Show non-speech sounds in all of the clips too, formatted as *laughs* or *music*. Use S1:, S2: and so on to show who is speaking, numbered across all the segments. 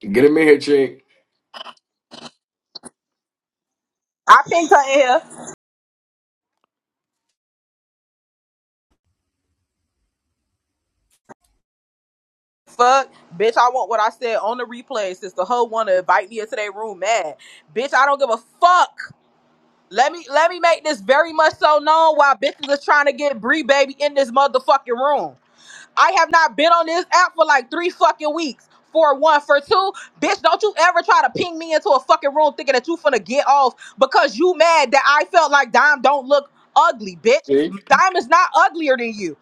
S1: Get him in here, chick.
S2: I pinged her in here. Fuck, bitch, I want what I said on the replay since the hoe wanna invite me into their room mad. Bitch, I don't give a fuck. Let me let me make this very much so known why bitches are trying to get Bree baby in this motherfucking room. I have not been on this app for like three fucking weeks. For one, for two, bitch, don't you ever try to ping me into a fucking room thinking that you finna get off because you mad that I felt like Dime don't look ugly, bitch.
S1: See?
S2: Dime is not uglier than you.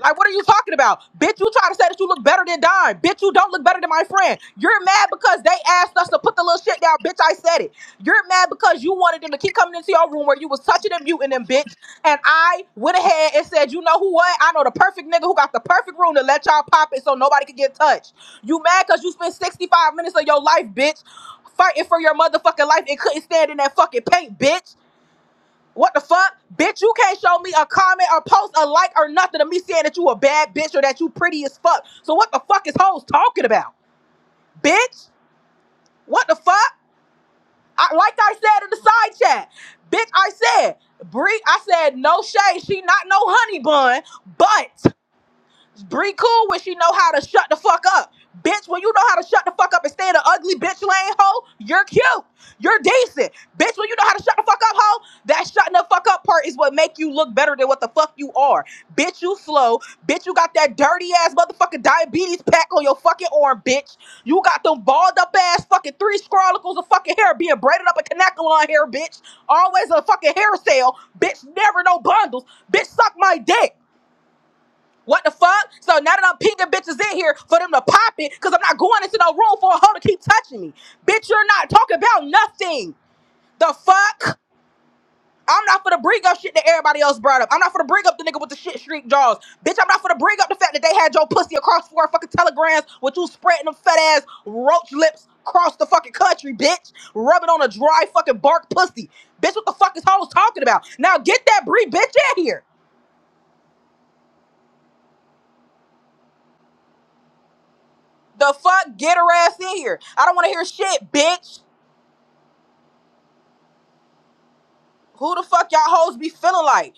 S2: Like, what are you talking about? Bitch, you try to say that you look better than Dime. Bitch, you don't look better than my friend. You're mad because they asked us to put the little shit down. Bitch, I said it. You're mad because you wanted them to keep coming into your room where you was touching them, muting them, bitch. And I went ahead and said, you know who what? I know the perfect nigga who got the perfect room to let y'all pop it so nobody can get touched. You mad because you spent 65 minutes of your life, bitch, fighting for your motherfucking life and couldn't stand in that fucking paint, bitch. What the fuck? Bitch, you can't show me a comment or post a like or nothing of me saying that you a bad bitch or that you pretty as fuck. So what the fuck is hoes talking about? Bitch? What the fuck? I, like I said in the side chat, bitch, I said, Bree, I said, no shade. She not no honey bun, but Bree cool when she know how to shut the fuck up. Bitch, when you know how to shut the fuck up and stay in the ugly bitch lane, hoe, you're cute. You're decent. Bitch, when you know how to shut the fuck up, hoe, that shutting the fuck up part is what make you look better than what the fuck you are. Bitch, you slow. Bitch, you got that dirty ass motherfucking diabetes pack on your fucking arm, bitch. You got them balled up ass fucking three scrollicles of fucking hair being braided up a canacolon hair, bitch. Always a fucking hair sale. Bitch, never no bundles. Bitch, suck my dick. What the fuck? So now that I'm pinging bitches in here for them to pop it, because I'm not going into no room for a hoe to keep touching me. Bitch, you're not talking about nothing. The fuck? I'm not for the bring up shit that everybody else brought up. I'm not for the bring up the nigga with the shit streak jaws. Bitch, I'm not for the bring up the fact that they had your pussy across four fucking telegrams with you spreading them fat ass roach lips across the fucking country, bitch. Rubbing on a dry fucking bark pussy. Bitch, what the fuck is hoes talking about? Now get that Brie bitch in here. The fuck? Get her ass in here. I don't want to hear shit, bitch. Who the fuck y'all hoes be feeling like?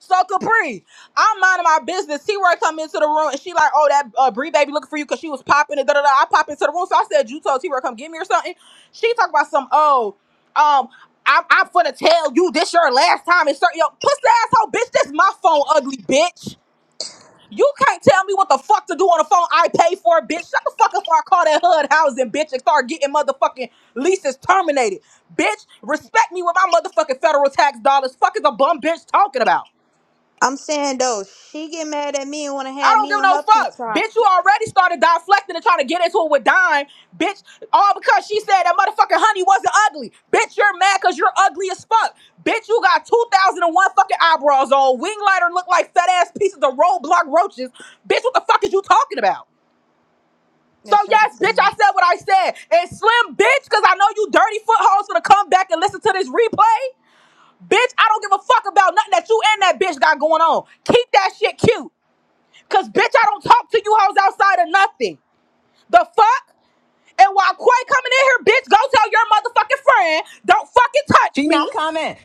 S2: So Capri, I'm minding my business. T-Roy come into the room and she like, oh, that uh, Bree baby looking for you because she was popping and da da da. I pop into the room, so I said, you told T-Roy come get me or something. She talk about some, oh, um, I'm, I'm finna tell you this your last time. And start yo, pussy asshole, bitch, this my phone, ugly bitch. You can't tell me what the fuck to do on the phone. I pay for it, bitch. Shut the fuck up before I call that HUD housing, bitch, and start getting motherfucking leases terminated. Bitch, respect me with my motherfucking federal tax dollars. Fuck is a bum bitch talking about?
S3: I'm saying though, she get mad at me and want to
S2: I
S3: have
S2: don't
S3: me
S2: give
S3: on
S2: no
S3: her
S2: fuck.
S3: PTR.
S2: Bitch, you already started deflecting and trying to get into it with Dime. Bitch, all because she said that motherfucking honey wasn't ugly. Bitch, you're mad because you're ugly as fuck. Bitch, you got 2001 fucking eyebrows on. Wing lighter look like fat ass pieces of roadblock roaches. Bitch, what the fuck is you talking about? So
S3: That's what I'm
S2: yes, bitch,
S3: saying.
S2: I said what I said. And Slim, bitch, because I know you dirty footholes gonna come back and listen to this replay. Bitch, I don't give a fuck about nothing that you and that bitch got going on. Keep that shit cute. Cause bitch, I don't talk to you hoes outside of nothing. The fuck? And while Quay coming in here, bitch, go tell your motherfucking friend, don't fucking touch
S4: She
S2: me.
S4: not comment.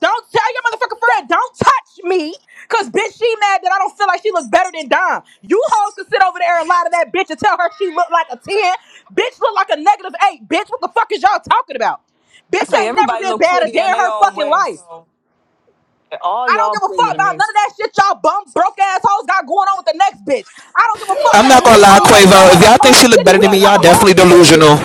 S2: Don't tell your motherfucking
S4: That-
S2: friend, don't touch me. Cause bitch, she mad that I don't feel like she look better than Dom. You hoes can sit over there and lie to that bitch and tell her she look like a 10. Bitch look like a negative eight. Bitch, what the fuck is y'all talking about?
S4: I
S2: Bitch
S4: say
S2: ain't never
S4: everybody
S2: been
S4: look
S2: bad a
S4: pretty
S2: day
S4: in
S2: in
S4: their
S2: her
S4: own
S2: fucking
S4: way.
S2: life.
S4: So all
S2: I don't
S4: y'all
S2: give a
S4: pretty
S2: fuck
S4: to
S2: about
S4: me.
S2: none of that
S4: So,
S2: shit y'all bum broke assholes got going on with the next bitch. I don't give a fuck
S5: I'm
S2: that a
S5: not gonna
S2: bitch
S5: lie,
S2: always got
S5: Quavo. If
S2: on a
S5: y'all think
S2: party
S5: she look
S2: city
S5: better
S4: ain't
S5: than
S2: with
S5: me,
S4: got
S2: trying
S5: y'all
S4: nothing
S2: to
S4: to do.
S5: definitely
S2: argue with a bitch.
S5: delusional.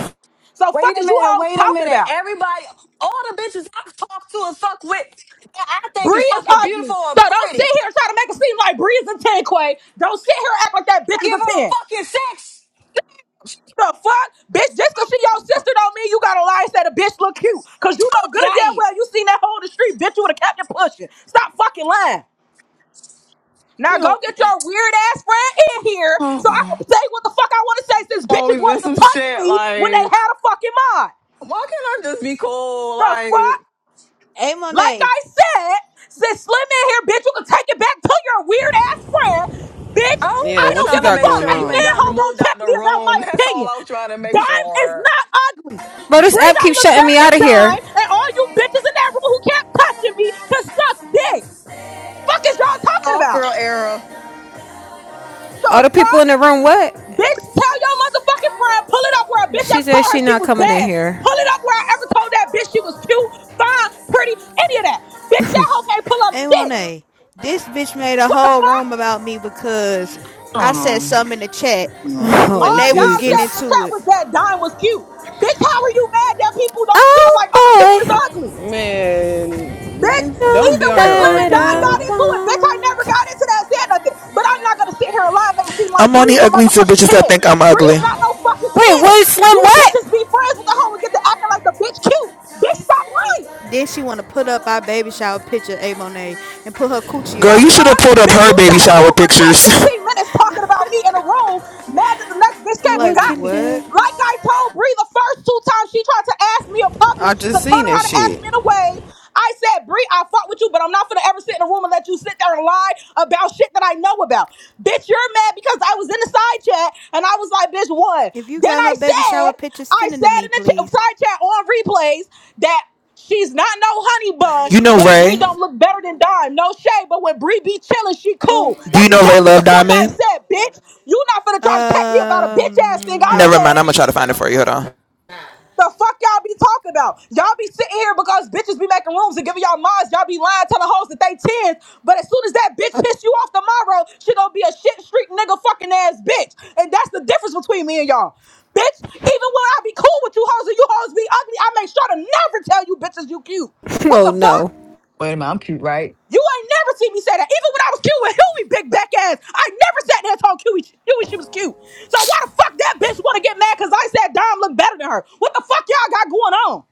S2: So fuck
S4: Wait a
S2: is you
S4: minute,
S2: hoes
S4: wait a
S2: talking
S4: minute.
S2: about?
S4: Everybody, all the bitches I've talked to and fuck with that I think is
S2: Bree is
S4: fucking
S2: ugly.
S4: beautiful
S2: So
S4: and
S2: don't sit
S4: pretty.
S2: here and try to make it seem like Bree is a 10, Quay. Don't sit here and act like that bitch
S4: I
S2: is
S4: give
S2: a
S4: her a
S2: 10.
S4: fucking six.
S2: The fuck? Bitch, just cause she your sister don't mean you gotta lie and say the bitch look cute. Cause you know good and damn
S4: Right.
S2: well you seen that hole in the street, bitch, you would have kept it pushing. Stop fucking lying. Now
S4: You
S2: go
S4: know,
S2: get your weird ass friend in here so I can
S4: *sighs*
S2: say what the fuck I wanna say since bitches
S4: always in
S2: wanted to
S4: some
S2: touch
S4: shit
S2: me when they
S4: like,
S2: had a fucking mind.
S4: why can't I just be cool?
S2: The
S4: Like,
S2: fuck?
S3: Hey
S2: Like
S3: Monet,
S2: I said, since Slim in here, bitch, you can take it back to your weird ass friend. Bitch,
S4: I was
S6: Yeah,
S2: I
S4: just
S6: what
S2: don't
S6: you
S2: give
S4: trying to
S2: a
S6: got
S4: make
S2: fuck.
S6: going
S4: sure
S2: Ain't
S4: you ain't
S6: on?
S2: Nanho
S4: got
S2: gonna
S4: removed
S2: check
S4: out the
S2: me about my
S4: room. *laughs* That's all
S2: opinion.
S4: I was trying to make
S2: Dime is
S4: sure.
S2: not ugly.
S7: Bro, this
S2: Bree
S7: app
S2: don't
S7: keeps
S2: look
S7: shutting
S2: better
S7: me
S2: than
S7: out of here.
S2: Dime, and all you bitches in that room who kept touching me can suck dick. Fuck is y'all talking
S4: Off
S2: about?
S4: girl era.
S7: All
S2: The
S7: the people
S2: fuck?
S7: in the room, what?
S2: Bitch, tell your motherfucking friend, pull it up where a bitch
S7: She
S2: ever
S7: said
S2: told her
S7: she
S2: she
S7: not
S2: was
S7: coming in
S2: bad.
S7: here.
S2: Pull it up where I ever told that bitch she was cute, fine, pretty, any of that. Bitch, that hoe can't pull up
S3: hey
S2: shit.
S3: Monet, this bitch made a
S2: What the
S3: whole
S2: fuck?
S3: room about me because
S4: I
S3: I
S4: don't
S3: said
S4: know.
S3: something in the chat
S7: *laughs*
S4: Um,
S3: when
S7: Oh,
S2: All
S3: they
S2: Dom
S3: was getting
S2: said in
S7: Jesus.
S2: the
S3: into
S2: chat
S3: it.
S2: was that Dom was cute. Bitch, how are you mad that people don't feel like
S7: Oh,
S2: other people is
S7: boy.
S2: ugly? Bitch,
S7: You
S6: Man, don't
S7: know
S6: be
S2: even
S6: on
S2: when
S6: here
S2: Slim and
S7: that
S6: arguing,
S2: Don
S7: I
S2: got
S6: bro.
S2: into it, bitch, I never
S7: want.
S2: got into that, said nothing. But I'm not gonna sit here and lie and make it seem
S5: I'm
S2: like Bree
S5: only
S2: is a
S5: ugly to
S2: motherfucking
S5: bitches that think
S2: 10.
S5: I'm
S2: Bree
S5: ugly.
S2: is not no fucking
S7: Wait,
S2: 10.
S7: what, Slim,
S2: You bitches
S7: what?
S2: be friends with the hoe and get to acting like the bitch cute. Bitch, stop lying.
S3: Then she want to put up our baby shower picture, hey Monet, and put her coochie
S2: The
S5: Girl,
S3: on
S5: you should
S3: there.
S5: have
S2: fuck?
S5: pulled up
S2: Bitch,
S5: her
S2: you
S5: baby
S2: sat in a
S5: shower
S2: room for 10,
S5: pictures. *laughs*
S2: 15 minutes talking about me in a room, mad that the next bitch came and
S3: Like
S7: What
S2: got
S7: you
S2: me.
S7: did.
S3: what?
S2: Like I told Bree the first two times she tried to ask me in public
S6: I
S2: to
S6: just
S2: turn
S6: seen
S2: around
S6: this
S2: and ask
S6: shit.
S2: me in a wave. I said, Bree, I fought with you, but I'm not gonna ever sit in a room and let you sit there and lie about shit that I know about. Bitch, you're mad because because I was in the side chat and I was like, bitch, what?
S3: If you
S2: Then
S3: got
S2: I
S3: her baby
S2: said,
S3: shower picture,
S2: I
S3: send it to
S2: said
S3: me,
S2: in the ch-
S3: please.
S2: side chat on replays that she's not no honey bun,
S5: You know
S2: but Bree
S5: Ray?
S2: don't look better than Dime. No shade, but when Bree be chilling, she
S3: Who?
S2: cool.
S5: Do you
S2: That's
S5: know Ray
S2: exactly what
S5: Love
S2: the fuck I
S5: Diamond?
S2: said, bitch. You not finna try to check me about a
S3: Uh,
S2: bitch ass thing I
S5: Never
S3: no.
S5: mind.
S2: said.
S5: I'm gonna try to find it for you. Hold on.
S2: The fuck y'all be talking about? Y'all be sitting here because bitches be making rooms and giving y'all mods. Y'all be lying, telling hoes that they tens. But as soon as that bitch piss you off tomorrow, she gonna be a shit street nigga fucking ass bitch. And that's the difference between me and y'all. Bitch, even when I be cool with you hoes and you hoes be ugly, I make sure to never tell you bitches you cute.
S7: *laughs*
S2: What the
S7: oh,
S2: fuck?
S7: no.
S4: wait a minute, I'm cute, right?
S2: You ain't never seen me say that. Even when I was cute with Huey, big back ass, I never sat there and told Huey, Huey she was cute. So why the fuck that bitch wanna get mad because I said Dom looked better than her? What the fuck y'all got going on?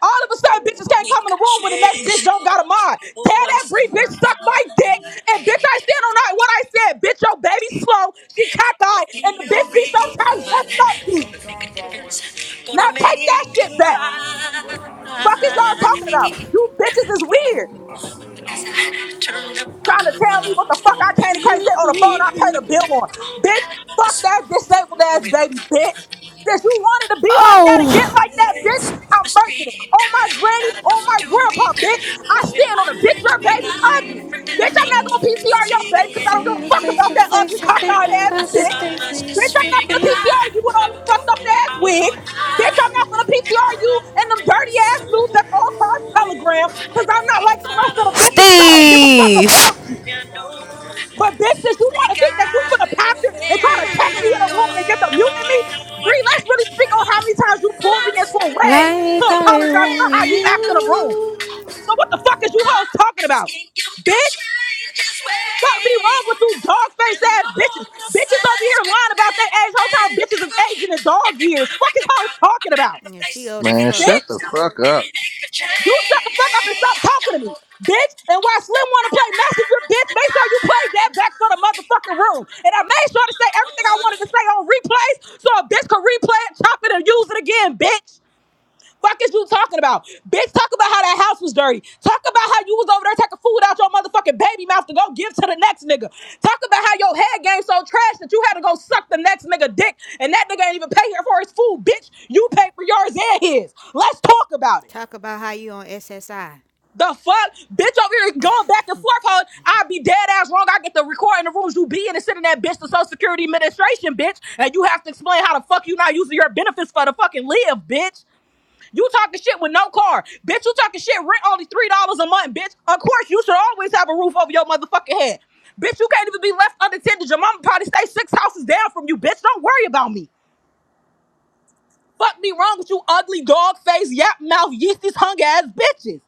S2: All of a sudden, bitches can't
S8: We
S2: come in
S8: could
S2: the room when the next bitch
S8: chase
S2: don't got a mind.
S8: for
S2: Tell that
S8: once in
S2: Bree
S8: my
S2: bitch suck my dick,
S8: life.
S2: and bitch I stand on that what I said. Bitch, your baby slow, she cockeyed, and the bitch
S8: Feel
S2: be
S8: real good.
S2: sometimes dressed up cute.
S8: Gonna make a difference.
S2: Now
S8: Gonna make
S2: take that shit
S8: it
S2: back.
S8: right.
S2: Fuck is y'all talking about? You bitches is weird.
S8: And as I turned up the
S3: Uh,
S2: trying to tell
S8: collar
S2: me what the fuck
S8: door,
S2: I can and can't
S8: I
S2: say on the phone
S8: made
S2: I
S8: it
S2: paid a
S8: with the
S2: bill on.
S8: glory.
S2: Bitch, fuck
S8: This
S2: that
S8: was a
S2: disabled ass baby, bitch.
S8: blowing
S2: Since you wanted to be like that and get
S7: Oh.
S2: like that, bitch,
S8: Yes,
S2: I'm
S8: the
S2: merching it.
S8: street.
S2: On my granny,
S8: Not
S2: on
S8: enough
S2: my
S8: to
S2: grandpa,
S8: eat.
S2: bitch. I
S8: Who am
S2: stand on the bitch,
S8: I to
S2: your
S8: be
S2: baby's ugly.
S8: blind,
S2: Bitch, I'm
S8: pretending
S2: not gonna
S8: she
S2: PCR your
S8: see the
S2: baby because I don't give
S7: See
S2: a
S7: you
S2: fuck
S7: face
S2: about
S7: to
S2: that
S8: need?
S2: ugly
S7: face, I'm
S2: cockeyed
S7: thinking
S2: ass
S8: I
S7: about the
S8: saw
S2: bitch.
S7: days we
S8: much
S2: Bitch,
S7: used
S2: I'm
S7: to
S2: not
S8: disregard.
S2: gonna
S7: be.
S2: PCR you with
S8: A
S2: all them fucked up
S8: broken
S2: ass
S8: arm for
S2: wigs. Bitch, I'm not
S8: love.
S2: gonna PCR you and them
S8: And
S2: dirty ass
S8: so
S2: news that's all across Telegram because I'm not
S8: they
S2: like the rest of the
S8: follow
S2: bitches
S8: each
S2: because I don't give
S8: other.
S2: a fuck
S7: Steve!
S2: about you.
S8: Thank
S2: But bitch, since you wanna think that you finna pop it and try to check
S9: Thank
S2: me in a room and get the mute in me,
S9: you.
S2: Bree, let's really speak on how many times you pulled me into a wave to
S7: Like I
S2: apologize about
S7: only
S2: how you
S7: you.
S2: act in a room.
S8: you.
S2: So what the fuck is you
S8: I'm
S2: hoes talking about?
S8: asking you to
S2: Bitch!
S8: change his way.
S2: fuck be wrong with you dog face
S8: And
S2: ass
S8: no
S2: bitches?
S8: the
S2: Bitches over here
S8: fast could
S2: lying about their
S8: bend
S2: age. Whole time
S8: and
S2: bitches is
S8: cover. If
S2: aging in dog
S8: you're
S2: years.
S8: gonna
S2: Fuck
S8: make
S2: is
S8: the
S2: hoes
S8: world a
S2: talking
S8: better
S2: about?
S3: yeah,
S8: place,
S3: she old
S8: take a
S3: as
S10: Man,
S8: look
S3: fuck.
S8: at
S10: shut the
S2: Bitch,
S8: yourself
S10: fuck
S8: and
S10: up.
S8: make a
S2: you shut the fuck up and stop talking to me.
S8: change.
S2: Bitch, and why Slim wanna play messenger, bitch, make sure you play that back for the motherfucking room. And I made sure to say everything I
S8: *laughs*
S2: wanted to say on replays so a bitch could replay it, chop it, and use it again, bitch. Fuck is you talking about? Bitch, talk about how that house was dirty. Talk about how you was over there taking food out your motherfucking baby mouth to go give to the next nigga. Talk about how your head game so trash that you had to go suck the next nigga dick and that nigga ain't even pay here for his food, bitch. You paid for yours and his. Let's talk about it.
S3: Talk about how you on SSI.
S2: The fuck? Bitch over here going back and forth, hoe. I be dead ass wrong. I get to record in the rooms you be in and sending that bitch to Social Security Administration, bitch. And you have to explain how the fuck you not using your benefits for the fucking live, bitch. You talking shit with no car. Bitch, you talking shit, rent only $3 a month, bitch. Of course, you should always have a roof over your motherfucking head. Bitch, you can't even be left unattended. Your mama probably stay six houses down from you, bitch. Don't worry about me. Fuck me wrong with you ugly dog face, yap mouth, yeasties, hung ass bitches.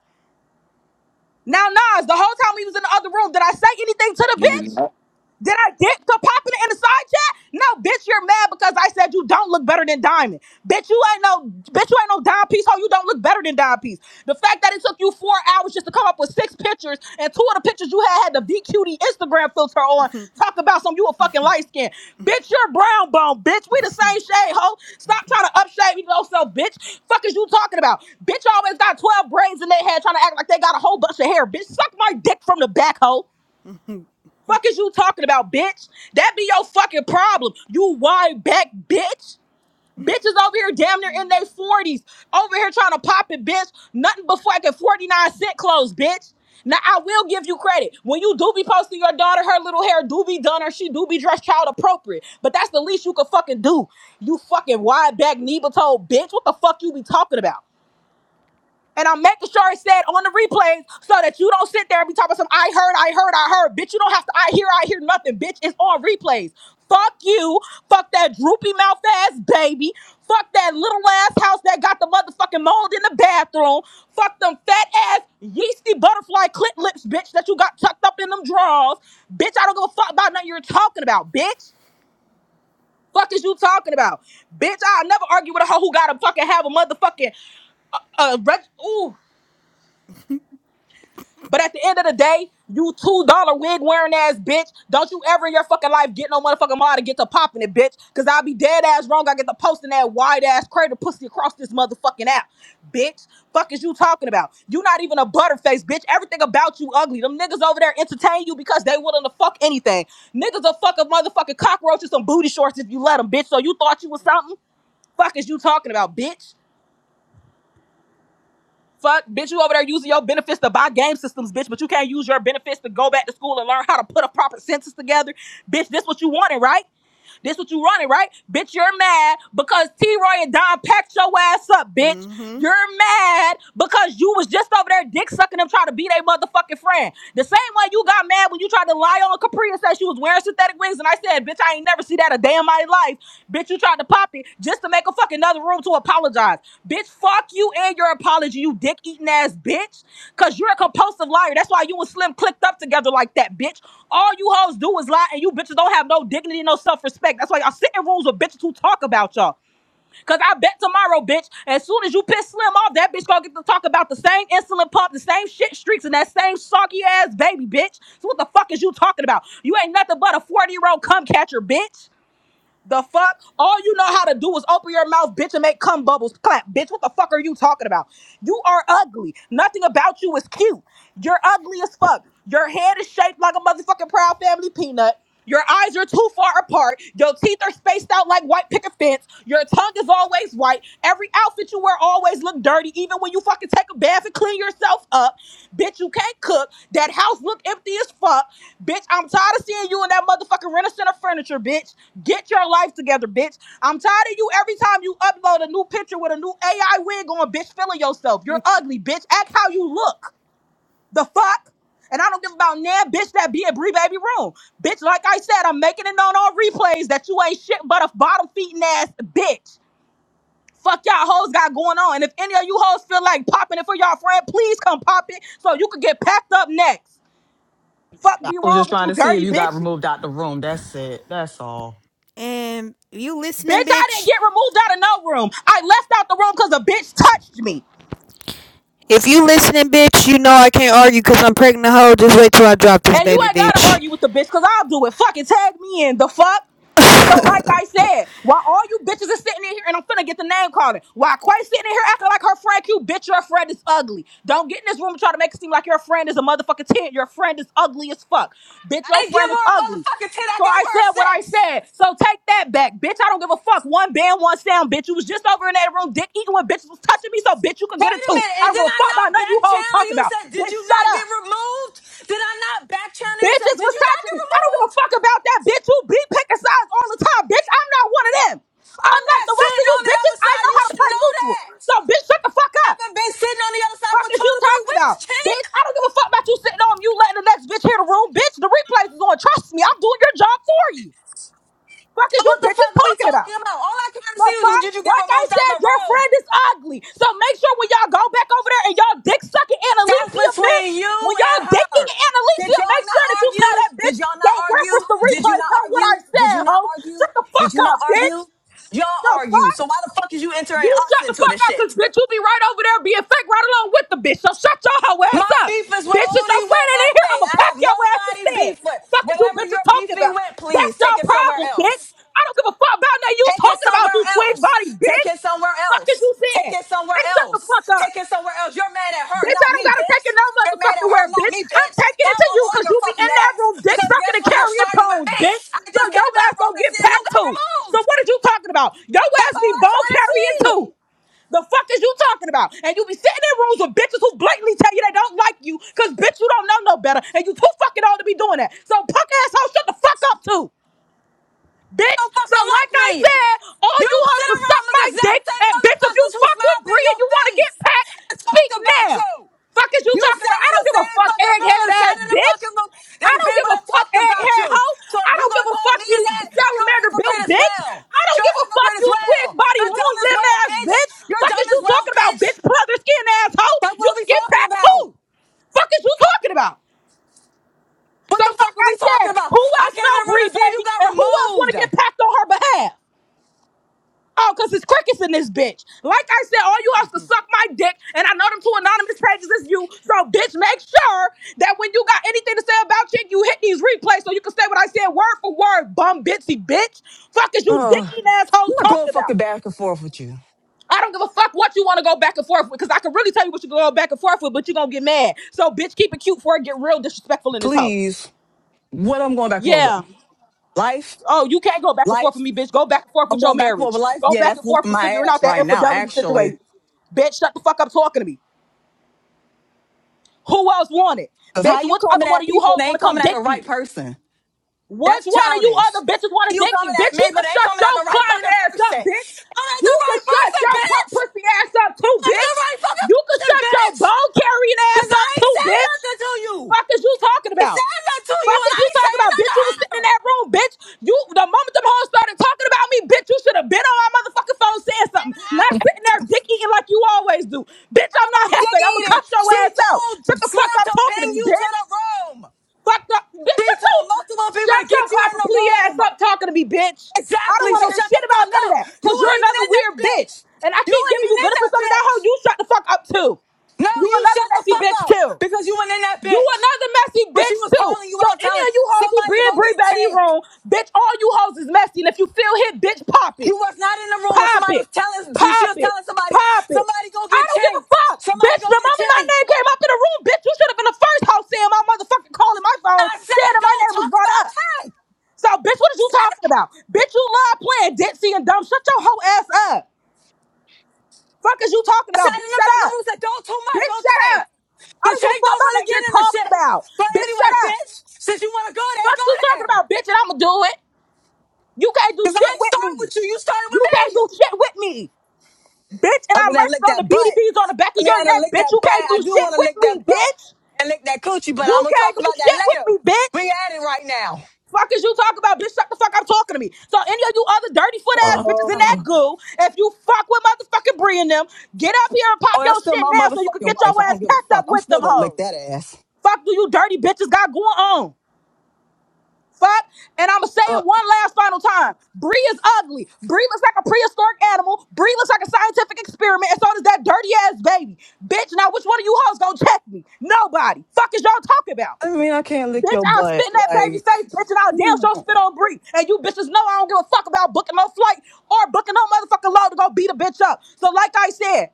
S2: Now, Nas, the whole time we was in the other room, did I say anything to the
S1: You did
S2: bitch?
S1: not.
S2: Did I get to popping it in the side chat? No, bitch, you're mad because I said you don't look better than Diamond. Bitch, you ain't no bitch, you ain't no dime piece, ho. You don't look better than dime piece. The fact that it took you four hours just to come up with six pictures and two of the pictures you had had the VQD Instagram filter on. Talk about some you a fucking light skin. Bitch, you're brown bone, bitch. We the same shade, ho. Stop trying to upshave yourself, bitch. Fuck is you talking about? Bitch always got 12 braids in their head trying to act like they got a whole bunch of hair. Bitch, suck my dick from the back, ho. Fuck is you talking about, bitch? That be your fucking problem. You wide back, bitch. Bitches over here damn near in their 40s. Over here trying to pop it, bitch. Nothing but fucking 49 cent clothes, bitch. Now I will give you credit. When you do be posting your daughter, her little hair do be done or she do be dressed child appropriate. But that's the least you could fucking do. You fucking wide back, knee toe bitch. What the fuck you be talking about? And I'm making sure it's said on the replays so that you don't sit there and be talking some I heard, I heard, I heard. Bitch, you don't have to I hear, I hear nothing. Bitch, it's on replays. Fuck you. Fuck that droopy mouth ass baby. Fuck that little ass house that got the motherfucking mold in the bathroom. Fuck them fat ass yeasty butterfly clit lips, bitch, that you got tucked up in them drawers. Bitch, I don't give a fuck about nothing you're talking about, bitch. Fuck is you talking about? Bitch, I'll never argue with a hoe who gotta fucking have a motherfucking uh reg- ooh But at the end of the day, you two dollar wig wearing ass bitch. Don't you ever in your fucking life get no motherfucking mod and get to popping it, bitch. Cause I'll be dead ass wrong. I get to posting that wide ass crater pussy across this motherfucking app, bitch. Fuck is you talking about? You not even a butterface, bitch. Everything about you ugly. Them niggas over there entertain you because they willing to fuck anything. Niggas will fuck a motherfucking cockroach and some booty shorts if you let them, bitch. So you thought you was something? Fuck is you talking about, bitch? Fuck, bitch, you over there using your benefits to buy game systems, bitch, but you can't use your benefits to go back to school and learn how to put a proper sentence together. Bitch, this what you wanted, right? This what you running, right? Bitch, you're mad because T-Roy and Don packed your ass up, bitch.
S3: Mm-hmm.
S2: You're mad because you was just over there dick sucking them trying to be their motherfucking friend. The same way you got mad when you tried to lie on Capri and said she was wearing synthetic wigs and I said, bitch, I ain't never see that a day in my life. Bitch, you tried to pop it just to make a fucking another room to apologize. Bitch, fuck you and your apology, you dick eating ass bitch. Cause you're a compulsive liar. That's why you and Slim clicked up together like that, bitch. All you hoes do is lie and you bitches don't have no dignity, no self-respect. That's why y'all sit in rooms with bitches who talk about y'all. Cause I bet tomorrow, bitch, as soon as you piss Slim off, that bitch gonna get to talk about the same insulin pump, the same shit streaks, and that same soggy ass baby, bitch. So what the fuck is you talking about? You ain't nothing but a 40-year-old cum catcher, bitch. The fuck? All you know how to do is open your mouth, bitch, and make cum bubbles clap. Bitch, what the fuck are you talking about? You are ugly. Nothing about you is cute. You're ugly as fuck. Your head is shaped like a motherfucking proud family peanut. Your eyes are too far apart. Your teeth are spaced out like white picket fence. Your tongue is always white. Every that you wear always look dirty, even when you fucking take a bath and clean yourself up. Bitch, you can't cook. That house look empty as fuck. Bitch, I'm tired of seeing you in that motherfucking rent a center furniture, bitch. Get your life together, bitch. I'm tired of you every time you upload a new picture with a new AI wig on, bitch, feeling yourself. You're ugly, bitch. Act how you look. The fuck? And I don't give about nan, bitch, that be a Bree Baby room. Bitch, like I said, I'm making it known on replays that you ain't shit but a bottom feeding ass bitch. Fuck y'all hoes got going on. And if any of you hoes feel like popping it for y'all friend, please come pop it so you can get packed up next. Fuck
S4: I
S2: be
S4: was
S2: wrong
S4: just
S2: with
S4: trying
S2: you
S4: to see if
S2: dirty
S4: you got
S2: bitches.
S4: removed out the room. That's it. That's all.
S3: And you listening,
S2: Bitch, I didn't
S3: bitch?
S2: get removed out of no room. I left out the room because a bitch touched me.
S3: If you listening, bitch, you know I can't argue because I'm pregnant a hoe. Just wait till I drop this
S2: And you
S3: baby,
S2: ain't gotta
S3: bitch.
S2: argue with the bitch because I'll do it. Fucking tag me in. The fuck? So, like I said, while all you bitches are sitting in here, and I'm finna get the name calling, while Quay sitting in here acting like her friend cute, bitch, your friend is ugly. Don't get in this room and try to make it seem like your friend is a motherfucking 10. Your friend is ugly as fuck. Bitch,
S4: I
S2: your
S4: didn't give
S2: friend is
S4: her a
S2: ugly.
S4: motherfucking 10. I
S2: So
S4: gave
S2: I
S4: her a
S2: said what I
S4: 6.
S2: said. So take that back, bitch. I don't give a fuck. One band, one sound, bitch. You was just over in that room, dick eating when bitches was touching me, so bitch, you can
S4: Wait
S2: get it
S4: a
S2: too.
S4: minute.
S2: I
S4: And
S2: don't
S4: then
S2: give a
S4: I
S2: fuck about
S4: not
S2: nothing
S4: back
S2: you hoes
S4: channel
S2: talk
S4: you
S2: about.
S4: said, did
S2: Bitch,
S4: you
S2: shut
S4: not
S2: up.
S4: get removed? Did I not back channel you said,
S2: Bitches
S4: did
S2: was
S4: you not
S2: touching
S4: get
S2: me. I don't give
S4: removed?
S2: a fuck about that, bitch. You be picking sides all the time, bitch. I'm not one of them.
S4: I'm
S2: Unlike
S4: not
S2: the rest of
S4: sitting
S2: you
S4: on the
S2: bitches,
S4: other
S2: I
S4: side.
S2: know
S4: You
S2: how to
S4: should
S2: play
S4: know
S2: neutral.
S4: that.
S2: So, bitch, shut the fuck
S4: I
S2: up.
S4: haven't been sitting on the other side
S2: Fuck
S4: for
S2: is
S4: two
S2: you
S4: to three
S2: talking
S4: weeks,
S2: about?
S4: Chink.
S2: Bitch, I don't give a fuck about you sitting on you letting the next bitch hear the room. Bitch, the replays is on. Trust me, I'm doing your job for you. Fuck is you
S4: What the
S2: bitches
S4: fuck are we
S2: talking about?
S4: talking about? All I can
S2: The
S4: see is,
S2: fuck?
S4: did you get
S2: Like I
S4: removed out
S2: said,
S4: the
S2: your
S4: room?
S2: friend is ugly. So make sure when y'all go back over there and y'all dick sucking
S4: That's
S2: Annalicia, bitch,
S4: between you
S2: when y'all
S4: and
S2: dicking
S4: her. Did
S2: Annalicia,
S4: y'all
S2: make sure
S4: not
S2: that you tell
S4: argue?
S2: that bitch,
S4: Did y'all
S2: go
S4: not argue?
S2: reference the
S4: Did you
S2: replay
S4: not
S2: about what I
S4: argue? Did
S2: said,
S4: you not
S2: ho.
S4: argue?
S2: Shut the fuck
S4: Did you not
S2: up, bitch.
S4: argue? Y'all
S2: The
S4: argue.
S2: fuck?
S4: So why the fuck is you
S2: You
S4: entering
S2: shut
S4: us
S2: the
S4: into
S2: fuck
S4: this
S2: up, cause
S4: shit?
S2: bitch, you be right over there being fake right along with the bitch. So shut your hoe ass
S4: My
S2: up.
S4: beef is with
S2: Bitch, since your
S4: only
S2: friend
S4: with
S2: ain't in
S4: Hefe.
S2: here, I'ma
S4: I
S2: pack
S4: have
S2: your ass
S4: nobody
S2: instead.
S4: beef with.
S2: Fuck is you
S4: Whatever
S2: bitches
S4: you're
S2: talking
S4: beefing
S2: about?
S4: with,
S2: That's
S4: please
S2: your
S4: take it somewhere
S2: problem, bitch.
S4: else.
S2: I don't give a fuck about that you
S4: Take it
S2: talking about,
S4: somewhere
S2: you twig
S4: else.
S2: body,
S4: Take
S2: bitch.
S4: it somewhere
S2: Fuck is
S4: else.
S2: you
S4: Take
S2: saying?
S4: it somewhere
S2: Bitch, shut the
S4: else.
S2: fuck up.
S4: Take it somewhere else. You're mad at her,
S2: Bitch, I
S4: not
S2: don't
S4: me,
S2: gotta take
S4: bitch.
S2: it no
S4: You're mad at
S2: motherfucking
S4: her,
S2: where,
S4: not
S2: bitch.
S4: me,
S2: I'm
S4: bitch.
S2: taking
S4: Now
S2: it to
S4: I'm
S2: you
S4: on
S2: because
S4: your
S2: you be
S4: fucking
S2: in that room
S4: ass.
S2: dick
S4: Because
S2: sucking
S4: guess
S2: and
S4: what? You're
S2: carrying
S4: starting with
S2: pones,
S4: me.
S2: bitch.
S4: I
S2: So
S4: just came
S2: your
S4: in a
S2: ass
S4: room
S2: gonna
S4: to
S2: get
S4: see if you
S2: packed
S4: got
S2: too. So
S4: removed.
S2: what are you talking about? Your
S4: That's
S2: ass
S4: all
S2: be
S4: I'm
S2: bone
S4: trying to see.
S2: carrying
S4: You
S2: too. The fuck is you talking about? And you be sitting in rooms with bitches who blatantly tell you they don't like you because bitch, you don't know no better and you too fucking old to be doing that. So punk asshole, shut the fuck up too bitch.
S4: Don't
S2: So
S4: fucking like
S2: like I
S4: me.
S2: said, all
S4: You
S2: you hoes
S4: sit
S2: to
S4: around
S2: suck
S4: with
S2: my
S4: the
S2: dick,
S4: exact same
S2: and bitch, if you
S4: motherfuckers who
S2: fuck with
S4: smiled in
S2: Bree and
S4: your
S2: you want to get
S4: face
S2: packed,
S4: and talked
S2: speak
S4: about
S2: now.
S4: you.
S2: Fuck is you
S4: You
S2: talking about?
S4: sat
S2: I
S4: in
S2: don't
S4: the
S2: give a
S4: same
S2: fuck,
S4: fucking room
S2: egghead
S4: and sat
S2: ass
S4: in the
S2: bitch.
S4: fucking room
S2: I
S4: and the
S2: don't give
S4: people
S2: a
S4: that
S2: fuck,
S4: talked about
S2: egghead
S4: you.
S2: hoe.
S4: So
S2: I
S4: if you're
S2: don't give
S4: gonna
S2: a
S4: call
S2: fuck,
S4: me
S2: you
S4: a that, you're a
S2: salamander built
S4: hypocrite as
S2: bitch.
S4: well.
S2: I don't
S4: You're
S2: give
S4: a
S2: a fuck,
S4: hypocrite as
S2: you
S4: well.
S2: twig body
S4: You're
S2: long
S4: dumb as
S2: limb
S4: well,
S2: ass
S4: bitch.
S2: bitch.
S4: You're
S2: Fuck
S4: dumb
S2: is you
S4: as well,
S2: talking about,
S4: bitch.
S2: bitch? Brother skin ass hoe.
S4: Like
S2: You
S4: what are we
S2: can get
S4: talking
S2: packed too.
S4: about?
S2: Fuck is you talking about?
S4: What
S2: So
S4: the fuck
S2: like
S4: are
S2: I
S4: we
S2: said,
S4: talking about?
S2: who
S4: I
S2: else
S4: came
S2: know
S4: in the room
S2: Bree,
S4: to see if you
S2: baby?
S4: got
S2: And who else want
S4: removed.
S2: to get packed on her behalf? Oh, because it's crickets in this bitch. Like I said, all you have to
S3: Mm-hmm.
S2: suck my dick, and I know them two anonymous pages is you. So, bitch, make sure that when you got anything to say about chick, you hit these replays so you can say what I said word for word, bum bitsy bitch. Fuck is you
S4: Ugh.
S2: dick eating assholes
S4: I'm not going
S2: talking about?
S4: fucking back and forth with you.
S2: I don't give a fuck what you want to go back and forth with, because I can really tell you what you go back and forth with, but you're gonna get mad. So, bitch, keep it cute before it get real disrespectful in this house.
S4: Please. What I'm going back and forth with?
S2: Yeah.
S4: Life?
S2: Oh, you can't go back and forth
S4: Life?
S2: with me, bitch. Go back and forth
S4: I'm
S2: with your
S4: going back and forth
S2: marriage.
S4: with life?
S2: Go
S4: Yeah,
S2: back
S4: that's
S2: and forth
S4: whooping
S2: with
S4: my
S2: figuring out
S4: ass
S2: that
S4: right now,
S2: infidelity
S4: actually.
S2: situation. Bitch, shut the fuck up talking to me. Who else want it?
S4: Cause
S2: Bitch,
S4: how you
S2: which
S4: coming
S2: other one
S4: at
S2: of you
S4: people?
S2: hoes
S4: They
S2: want
S4: ain't
S2: to come
S4: coming at the
S2: dick me?
S4: right person.
S2: Which
S4: That's
S2: one of you
S4: childish.
S2: other bitches
S4: How
S2: want to
S4: you
S2: dick me?
S4: coming at
S2: Bitch, you
S4: me? But
S2: can
S4: they ain't
S2: shut
S4: coming at
S2: your
S4: the right
S2: client
S4: fucking
S2: ass
S4: person.
S2: up, bitch.
S4: I'm at
S2: You
S4: the
S2: can
S4: right
S2: shut
S4: person,
S2: your
S4: bitch.
S2: pump pussy ass up too,
S4: I'm at the
S2: bitch.
S4: right fucking
S2: You can
S4: person,
S2: shut your
S4: bitch.
S2: bone carrying ass
S4: Cause I
S2: up
S4: ain't
S2: too,
S4: said
S2: bitch.
S4: nothing to you.
S2: Fuck
S4: I
S2: is you talking
S4: ain't
S2: about?
S4: said nothing to you,
S2: Fuck
S4: and
S2: is
S4: I
S2: you
S4: ain't
S2: talking
S4: saying
S2: about,
S4: nothing
S2: bitch? You was
S4: to
S2: sitting in
S4: her.
S2: that room, bitch. You the moment them hoes started talking about me, bitch, you should have been on my motherfucking phone saying something. Not sitting there dick eating like you always do. Bitch,
S4: Now
S2: I'm not
S4: I'm dick
S2: halfway. I'ma
S4: eating.
S2: cuss your
S4: She
S2: ass out.
S4: told
S2: Shut the fuck
S4: Slim
S2: up
S4: to
S2: talking to
S4: ping
S2: me,
S4: you to the
S2: bitch.
S4: room.
S2: Fuck up. Bitch,
S4: She
S2: shut your
S4: told multiple people
S2: shut
S4: to
S2: your
S4: get you in
S2: copper
S4: the
S2: plea ass
S4: room.
S2: up talking to me, bitch. I don't
S4: Exactly.
S2: want to
S4: So
S2: hear
S4: shut the
S2: shit about
S4: fuck
S2: none of
S4: up.
S2: that.
S4: You
S2: Cause you're
S4: weren't even
S2: another
S4: in that
S2: weird bitch.
S4: bitch.
S2: And I
S4: You
S2: keep
S4: weren't
S2: giving
S4: even
S2: you
S4: in that
S2: benefits under that hoe
S4: bitch.
S2: you shut the fuck up too.
S4: No,
S2: You
S4: you
S2: another
S4: shut the
S2: messy
S4: fuck
S2: bitch
S4: up
S2: too.
S4: because you went in that
S2: You
S4: bitch.
S2: another messy
S4: When she
S2: bitch
S4: was
S2: too.
S4: calling you
S2: So
S4: out,
S2: any
S4: telling
S2: of you hoes who be
S4: somebody
S2: in
S4: go
S2: Bree
S4: get
S2: Baby
S4: Tank.
S2: room, bitch, all you hoes is messy. And if you feel hit, bitch, pop it.
S4: You was not in the room when
S2: Pop
S4: somebody
S2: it.
S4: was telling, she
S2: Pop
S4: was
S2: it.
S4: telling somebody,
S2: Pop it.
S4: somebody go
S2: I
S4: get
S2: don't give a
S4: Tank.
S2: fuck.
S4: Somebody
S2: Bitch,
S4: go
S2: the
S4: get
S2: moment my
S4: Tank.
S2: name came up in the room, bitch, you should have been the first house saying my motherfucking calling my phone,
S4: I
S2: saying
S4: said,
S2: that my
S4: don't
S2: name was
S4: talk
S2: brought
S4: about
S2: up.
S4: Tank.
S2: So, bitch, what is you talking about? Bitch, you love playing ditzy and dumb. Shut your whole ass up. Fuck is you talking
S4: I said
S2: about? Bitch,
S4: in the
S2: shut
S4: fucking
S2: up.
S4: room, said, don't too much
S2: Bitch,
S4: on
S2: shut
S4: Tank.
S2: up. I don't
S4: Because
S2: give a
S4: Tank
S2: fuck
S4: don't
S2: about
S4: really
S2: what
S4: get
S2: you're
S4: into
S2: talking
S4: shit.
S2: about.
S4: But
S2: Bitch, shut
S4: anyway,
S2: up.
S4: bitch, since you want to go there,
S2: Fuck
S4: go
S2: you talking
S4: there.
S2: about, bitch, and I'ma do it. You can't do
S4: Because I
S2: shit
S4: ain't
S2: with
S4: starting
S2: me.
S4: with you. You started
S2: You
S4: with
S2: can't
S4: me.
S2: do shit with me, bitch. And I
S4: Other than
S2: merched
S4: lick
S2: on the
S4: that butt.
S2: BDBs on the back of
S4: I mean,
S2: your
S4: I done
S2: neck,
S4: lick
S2: bitch.
S4: that
S2: You
S4: butt.
S2: can't do
S4: I do
S2: shit
S4: want to
S2: with
S4: lick
S2: me,
S4: that butt
S2: bitch.
S4: and lick that coochie, but
S2: You
S4: I'm gonna talk
S2: can't do
S4: about
S2: shit
S4: that
S2: with
S4: later.
S2: me, bitch.
S4: We at it right now.
S2: Fuck is you talking about, bitch? Shut the fuck up talking to me. So any of you other dirty foot ass bitches in that
S4: Ugh.
S2: goo, if you fuck with motherfucking Bree and them, get up here and pop
S4: oh,
S2: your
S4: that's still
S2: shit
S4: my
S2: now so you can
S4: motherfucking
S2: get your
S4: wife. I don't
S2: ass
S4: give a
S2: packed up
S4: fuck. I'm
S2: with
S4: still
S2: them
S4: gonna lick
S2: hoes.
S4: that ass.
S2: Fuck do you dirty bitches got going on? Fuck. And I'ma say
S4: Uh,
S2: it one last final time. Bree is ugly. Bree looks like a prehistoric animal. Bree looks like a scientific experiment. And so does that dirty ass baby. Bitch, now which one of you hoes gonna check me? Nobody. Fuck is y'all talking about?
S4: I mean, I can't lick
S2: Bitch,
S4: your
S2: I'll spit
S4: butt.
S2: in that baby
S4: Like,
S2: face, bitch, and I'll damn sure
S4: no.
S2: spit on Bree. And you bitches know I don't give a fuck about booking no flight or booking no motherfucking load to go beat a bitch up. So like I said,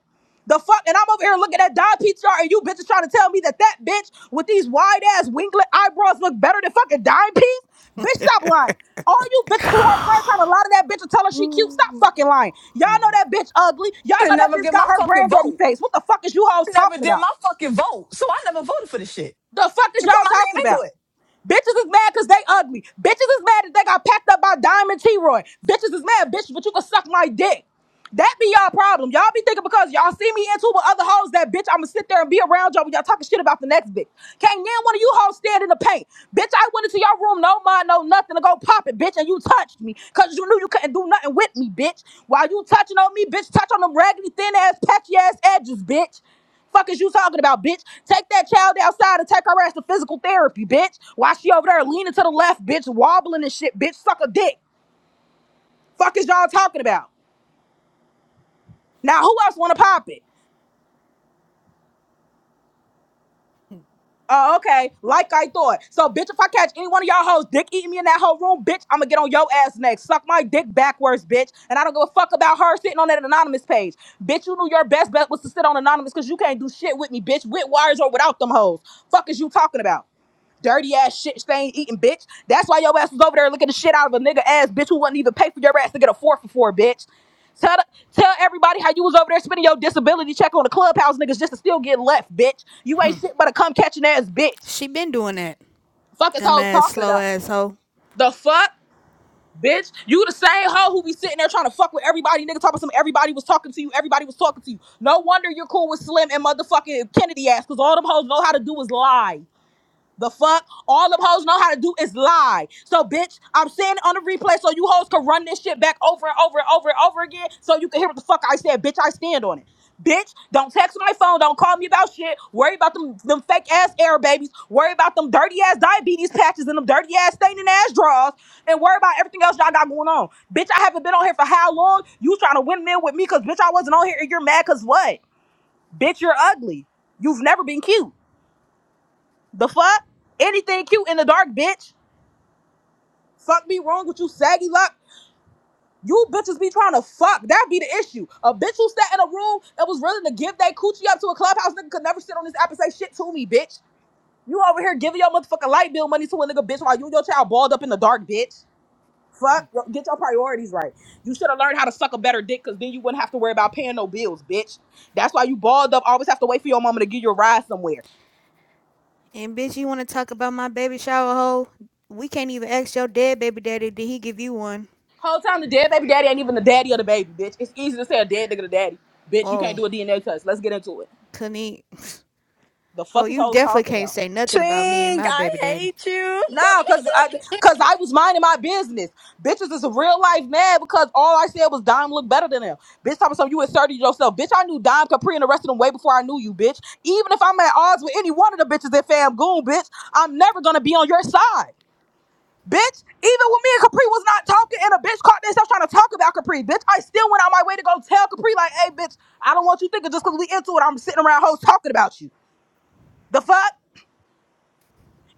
S2: the fuck, and I'm over here looking at dime PTR, and you bitches trying to tell me that that bitch with these wide ass winglet eyebrows look better than fucking Dime Piece? Bitch, stop lying. All you bitches who her friend trying to lie to that bitch and tell her she cute, stop fucking lying. Y'all know that bitch ugly. Y'all
S4: I
S2: know
S4: didn't
S2: that
S4: never
S2: bitch
S4: get
S2: got
S4: my
S2: her
S4: fucking
S2: granddaddy
S4: vote.
S2: face. What the fuck is you hoes
S4: I never
S2: talking
S4: did
S2: about?
S4: my fucking vote, so I never voted for this shit.
S2: The fuck is
S4: You put
S2: y'all
S4: my name
S2: talking
S4: into
S2: about?
S4: it.
S2: Bitches is mad because they ugly. Bitches is mad that they got packed up by Diamond T Roy. Bitches is mad, bitch, but you can suck my dick. That be y'all problem. Y'all be thinking because y'all see me into with other hoes that bitch, I'ma sit there and be around y'all when y'all talking shit about the next bitch. Can't none one of you hoes stand in the paint. Bitch, I went into your room, no mind, no nothing to go pop it, bitch, and you touched me. Cause you knew you couldn't do nothing with me, bitch. While you touching on me, bitch, touch on them raggedy thin ass, patchy ass edges, bitch. Fuck is you talking about, bitch? Take that child outside and take her ass to physical therapy, bitch. While she over there leaning to the left, bitch, wobbling and shit, bitch, suck a dick. Fuck is y'all talking about? Now who else wanna pop it? Oh, okay. Like I thought. So, bitch, if I catch any one of y'all hoes dick eating me in that whole room, bitch, I'm gonna get on your ass next. Suck my dick backwards, bitch. And I don't give a fuck about her sitting on that anonymous page. Bitch, you knew your best bet was to sit on anonymous because you can't do shit with me, bitch, with wires or without them hoes. Fuck is you talking about? Dirty ass shit stain eating bitch. That's why your ass was over there looking the shit out of a nigga ass bitch who wouldn't even pay for your ass to get a four for four, bitch. Tell the, tell everybody how you was over there spending your disability check on the clubhouse niggas just to still get left, bitch. You ain't shit but a cum catching ass bitch.
S3: She been doing that.
S2: Fuck is hoes
S3: Dumbass,
S2: talking
S3: slow
S2: about.
S3: ass hoe.
S2: The fuck? Bitch, you the same hoe who be sitting there trying to fuck with everybody, nigga, talking about some everybody was talking to you, everybody was talking to you. No wonder you're cool with Slim and motherfucking Kennedy ass, cause all them hoes know how to do is lie. The fuck? All them hoes know how to do is lie. So, bitch, I'm saying it on the replay so you hoes can run this shit back over and over and over and over again so you can hear what the fuck I said. Bitch, I stand on it. Bitch, don't text my phone. Don't call me about shit. Worry about them, them fake ass air babies. Worry about them dirty ass diabetes patches and them dirty ass staining ass draws. And worry about everything else y'all got going on. Bitch, I haven't been on here for how long? You trying to win men with me because, bitch, I wasn't on here and you're mad because what? Bitch, you're ugly. You've never been cute. The fuck? Anything cute in the dark, bitch? Fuck me wrong with you, saggy luck. You bitches be trying to fuck. That be the issue. A bitch who sat in a room and was willing to give that coochie up to a clubhouse nigga could never sit on this app and say shit to me, bitch. You over here giving your motherfucking light bill money to a nigga, bitch, while you and your child balled up in the dark, bitch. Fuck. Yo- Get your priorities right. You should have learned how to suck a better dick, cause then you wouldn't have to worry about paying no bills, bitch. That's why you balled up. Always have to wait for your mama to give you a ride somewhere.
S3: And bitch, you want to talk about my baby shower hoe? We can't even ask your dead baby daddy, did he give you one?
S2: Whole time the dead baby daddy ain't even the daddy of the baby, bitch. It's easy to say a dead nigga the daddy. Bitch, you can't
S3: Oh,
S2: do a DNA test. Let's get into it.
S3: couldn't he? *laughs*
S2: The
S3: Oh,
S2: fuck is
S3: you
S2: hoes
S3: definitely
S2: talking
S3: can't
S2: about?
S3: say nothing about me and
S11: Twink,
S3: my
S11: I
S3: baby daddy.
S11: hate you.
S2: Nah,
S11: *laughs*
S2: cause I cause I was minding my business. Bitches is a real life mad because all I said was Dime looked better than him. Bitch talking something you inserted yourself. Bitch, I knew Dime Capri and the rest of them way before I knew you, bitch. Even if I'm at odds with any one of the bitches at Fam Goon, bitch, I'm never gonna be on your side. Bitch, even when me and Capri was not talking and a bitch caught themselves trying to talk about Capri. Bitch, I still went out my way to go tell Capri, like, hey, bitch, I don't want you thinking just because we into it, I'm sitting around hoes talking about you. The fuck?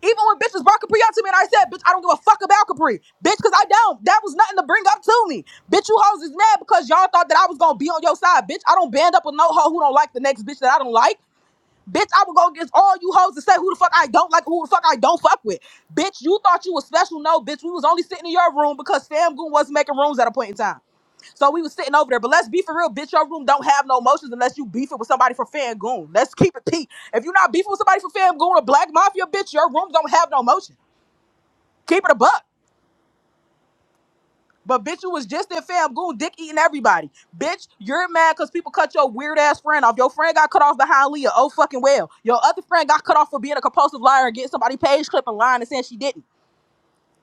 S2: Even when bitches brought Capri up to me and I said, bitch, I don't give a fuck about Capri. Bitch, because I don't. That was nothing to bring up to me. Bitch, you hoes is mad because y'all thought that I was going to be on your side. Bitch, I don't band up with no hoe who don't like the next bitch that I don't like. Bitch, I would go against all you hoes and say who the fuck I don't like, who the fuck I don't fuck with. Bitch, you thought you was special. No, bitch, we was only sitting in your room because Sam Goon wasn't making rooms at a point in time. So we was sitting over there. But let's be for real, bitch, your room don't have no motions unless you beef it with somebody for Fam Goon. Let's keep it peak. If you're not beefing with somebody for Fam Goon or Black Mafia, bitch, your room don't have no motion. Keep it a buck. But bitch, you was just in fam, Goon, dick eating everybody. Bitch, you're mad because people cut your weird ass friend off. Your friend got cut off behind Leah. Oh fucking well. Your other friend got cut off for being a compulsive liar and getting somebody page clip and lying and saying she didn't.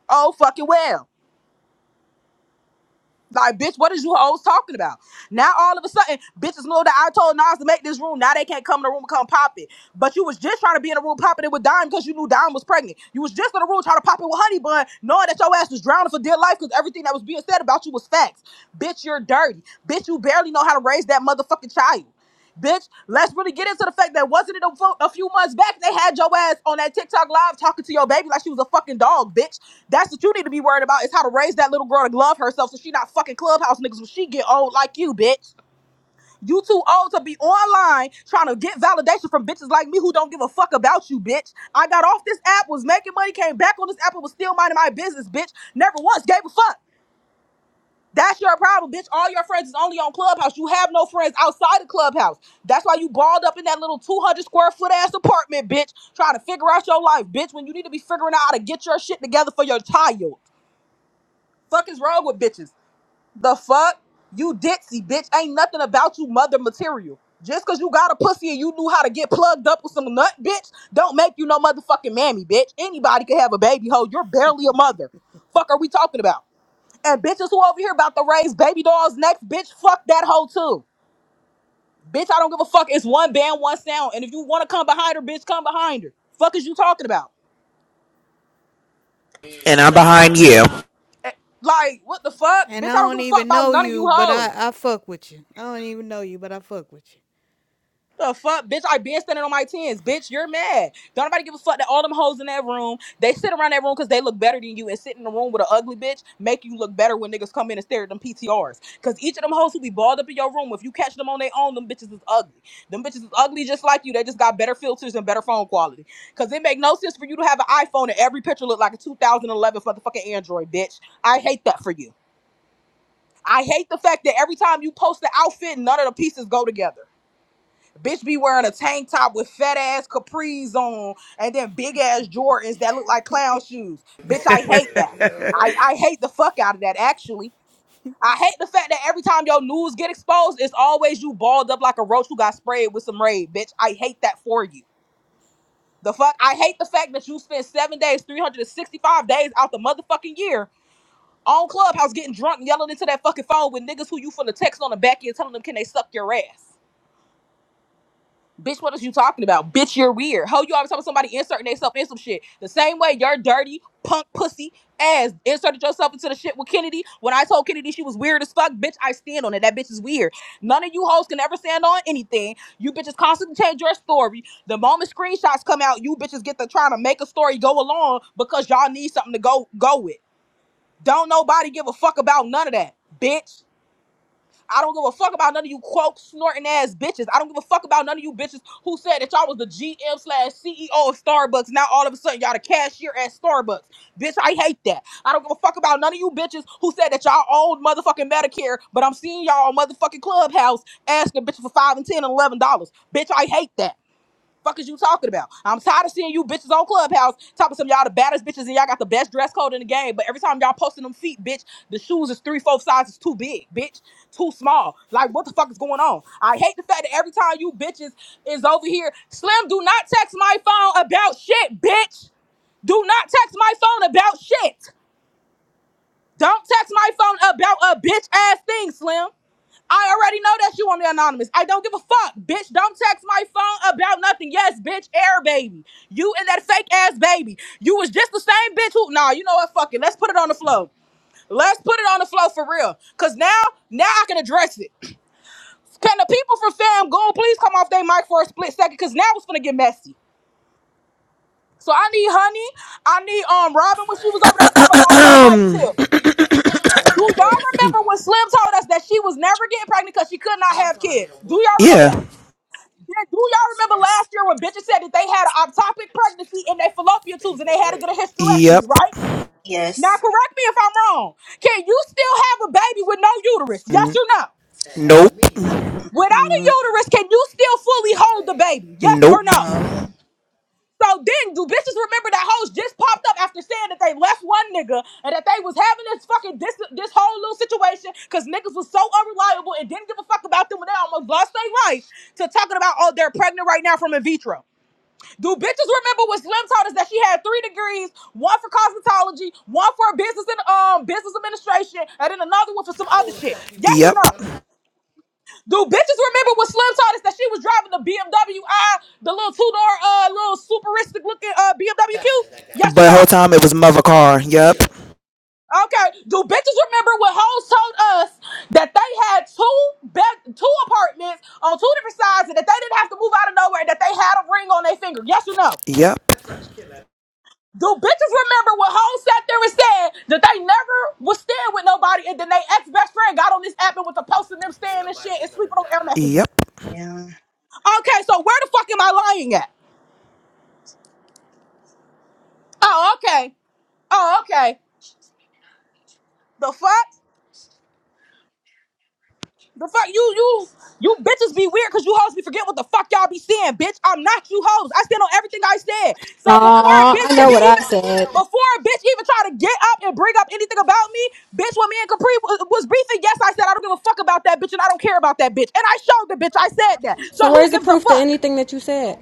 S2: Oh fucking well. Like, bitch, what is you hoes talking about? Now all of a sudden, bitches know that I told Nas to make this room. Now they can't come in the room and come pop it. But you was just trying to be in the room popping it with Dime because you knew Dime was pregnant. You was just in the room trying to pop it with Honey Bun, knowing that your ass was drowning for dear life because everything that was being said about you was facts. Bitch, you're dirty. Bitch, you barely know how to raise that motherfucking child. Bitch, let's really get into the fact that wasn't it a, fo- a few months back they had your ass on that TikTok live talking to your baby like she was a fucking dog, bitch. That's what you need to be worried about is how to raise that little girl to love herself so she not fucking clubhouse niggas when she get old like you, bitch. You too old to be online trying to get validation from bitches like me who don't give a fuck about you, bitch. I got off this app, was making money, came back on this app, and was still minding my business, bitch. Never once gave a fuck. That's your problem, bitch. All your friends is only on Clubhouse. You have no friends outside of Clubhouse. That's why you balled up in that little 200 square foot ass apartment, bitch, trying to figure out your life, bitch, when you need to be figuring out how to get your shit together for your child. Fuck is wrong with bitches? The fuck? You ditzy, bitch. Ain't nothing about you mother material. Just cause you got a pussy and you knew how to get plugged up with some nut, bitch, don't make you no motherfucking mammy, bitch. Anybody can have a baby hoe. You're barely a mother. Fuck are we talking about? And bitches who over here about to raise baby dolls next, bitch, fuck that hoe too. Bitch, I don't give a fuck. It's one band, one sound. And if you wanna come behind her, bitch, come behind her. Fuck is you talking about?
S5: And I'm behind you.
S2: Eh, Like, what the fuck? Bitch,
S3: And
S2: I
S3: I
S2: don't
S3: don't
S2: give a fuck
S3: even
S2: about
S3: know
S2: none of you
S3: you, but
S2: hoes.
S3: I, I fuck with you. I don't even know you, but I fuck with you.
S2: The fuck, bitch! I been standing on my tens, bitch. You're mad. Don't nobody give a fuck that all them hoes in that room. They sit around that room because they look better than you, and sit in the room with an ugly bitch make you look better when niggas come in and stare at them PTRs. Because each of them hoes who be balled up in your room, if you catch them on their own, them bitches is ugly. Them bitches is ugly just like you. They just got better filters and better phone quality. Because it make no sense for you to have an iPhone and every picture look like a 2011 motherfucking Android, bitch. I hate that for you. I hate the fact that every time you post the outfit, none of the pieces go together. Bitch be wearing a tank top with fat ass capris on and then big ass Jordans that look like clown shoes. Bitch, I *laughs* hate that. I, I hate the fuck out of that, actually. I hate the fact that every time your news get exposed, it's always you balled up like a roach who got sprayed with some raid, bitch. I hate that for you. The fuck? I hate the fact that you spend seven days, 365 days out the motherfucking year on Clubhouse getting drunk and yelling into that fucking phone with niggas who you finna text on the back end telling them can they suck your ass. Bitch, what what is you talking about? Bitch, you're weird. Ho, you always talking about somebody inserting themselves in some shit. The same way your dirty punk pussy ass inserted yourself into the shit with Kennedy. When I told Kennedy she was weird as fuck, bitch, I stand on it. That bitch is weird. None of you hoes can ever stand on anything. You bitches constantly change your story. The moment screenshots come out, you bitches get to trying to make a story go along because y'all need something to go go with. Don't nobody give a fuck about none of that, bitch. I don't give a fuck about none of you quote snorting ass bitches. I don't give a fuck about none of you bitches who said that y'all was the GM slash CEO of Starbucks. Now all of a sudden y'all the cashier at Starbucks. Bitch, I hate that. I don't give a fuck about none of you bitches who said that y'all owned motherfucking Medicare, but I'm seeing y'all on motherfucking Clubhouse asking bitches for five and ten and eleven dollars. Bitch, I hate that. Fuck is you talking about? I'm tired of seeing you bitches on Clubhouse talking some of y'all the baddest bitches and y'all got the best dress code in the game. But every time y'all posting them feet, bitch, the shoes is three, four sizes too big, bitch, too small. Like what the fuck is going on? I hate the fact that every time you bitches is over here, Slim, do not text my phone about shit, bitch. Do not text my phone about shit. Don't text my phone about a bitch ass thing, Slim. I already know that you on the anonymous. I don't give a fuck, bitch. Don't text my phone about nothing. Yes, bitch, air baby. You and that fake ass baby. You was just the same bitch who nah, you know what? Fuck it. Let's put it on the flow. Let's put it on the flow for real. Cause now, now I can address it. Can the people from fam go please come off their mic for a split second? Cause now it's gonna get messy. So I need honey. I need um Robin when she was over there to come up
S5: *clears throat*
S2: off that mic too. Do y'all remember when Slim told us that she was never getting pregnant because she could not have kids? Do y'all remember
S5: yeah.
S2: that? Yeah, Do y'all remember last
S12: Yes.
S2: year when bitches said that they had an ectopic pregnancy in their fallopian tubes and they had to get a hysterectomy,
S5: Yep.
S2: right? Now
S12: Yes.
S2: correct me if I'm wrong. Can you still have a baby with no uterus? Yes
S5: N-
S2: or no?
S5: nope.
S12: No. Mm,
S2: Without a
S12: mm,
S2: uterus, can you still fully hold the baby? Yes
S5: Nope.
S2: or no?
S12: No.
S2: So then, do bitches remember that hoes just popped up after saying that they left one nigga and that they was having this fucking this this whole little situation because niggas was so unreliable and didn't give a fuck about them when they almost lost their life to talking about oh they're pregnant right now from in vitro. Do bitches remember what Slim taught us that she had three degrees, one for cosmetology, one for business and um business administration, and then another one for some other shit? Yes or
S5: Yep.
S2: no? Do bitches remember what Slim taught us that she was driving the BMW i, the little two door, uh, little superistic looking uh BMW Q?
S5: But
S2: Yes or
S5: the whole
S2: no?
S5: time it was mother car. Yep.
S2: Okay. Do bitches remember what hoes told us that they had two be- two apartments on two different sides, and that they didn't have to move out of nowhere, and that they had a ring on their finger? Yes or no?
S5: Yep.
S2: Do bitches remember what Hov sat there and said that they never was staying with nobody and then they ex-best friend got on this app and was posting them staying and shit and sleeping on air mattresses.
S5: Yep.
S12: Yeah.
S2: Okay, so where the fuck am I lying at? Oh, okay. Oh, okay. The fuck? The fuck you you you bitches be weird because you hoes be forget what the fuck y'all be saying, bitch. I'm not you hoes. I stand on everything I said. So before a
S7: Aw,
S2: bitch
S7: I know
S2: get to
S7: what I
S2: even
S7: said.
S2: before a bitch even try to get up and bring up anything about me, bitch, when me and Capri was, was beefing, yes, I said I don't give a fuck about that bitch and I don't care about that bitch. And I showed the bitch I said that. So
S7: So
S2: who
S7: where's the
S2: gives a
S7: proof to
S2: fuck?
S7: anything that you said?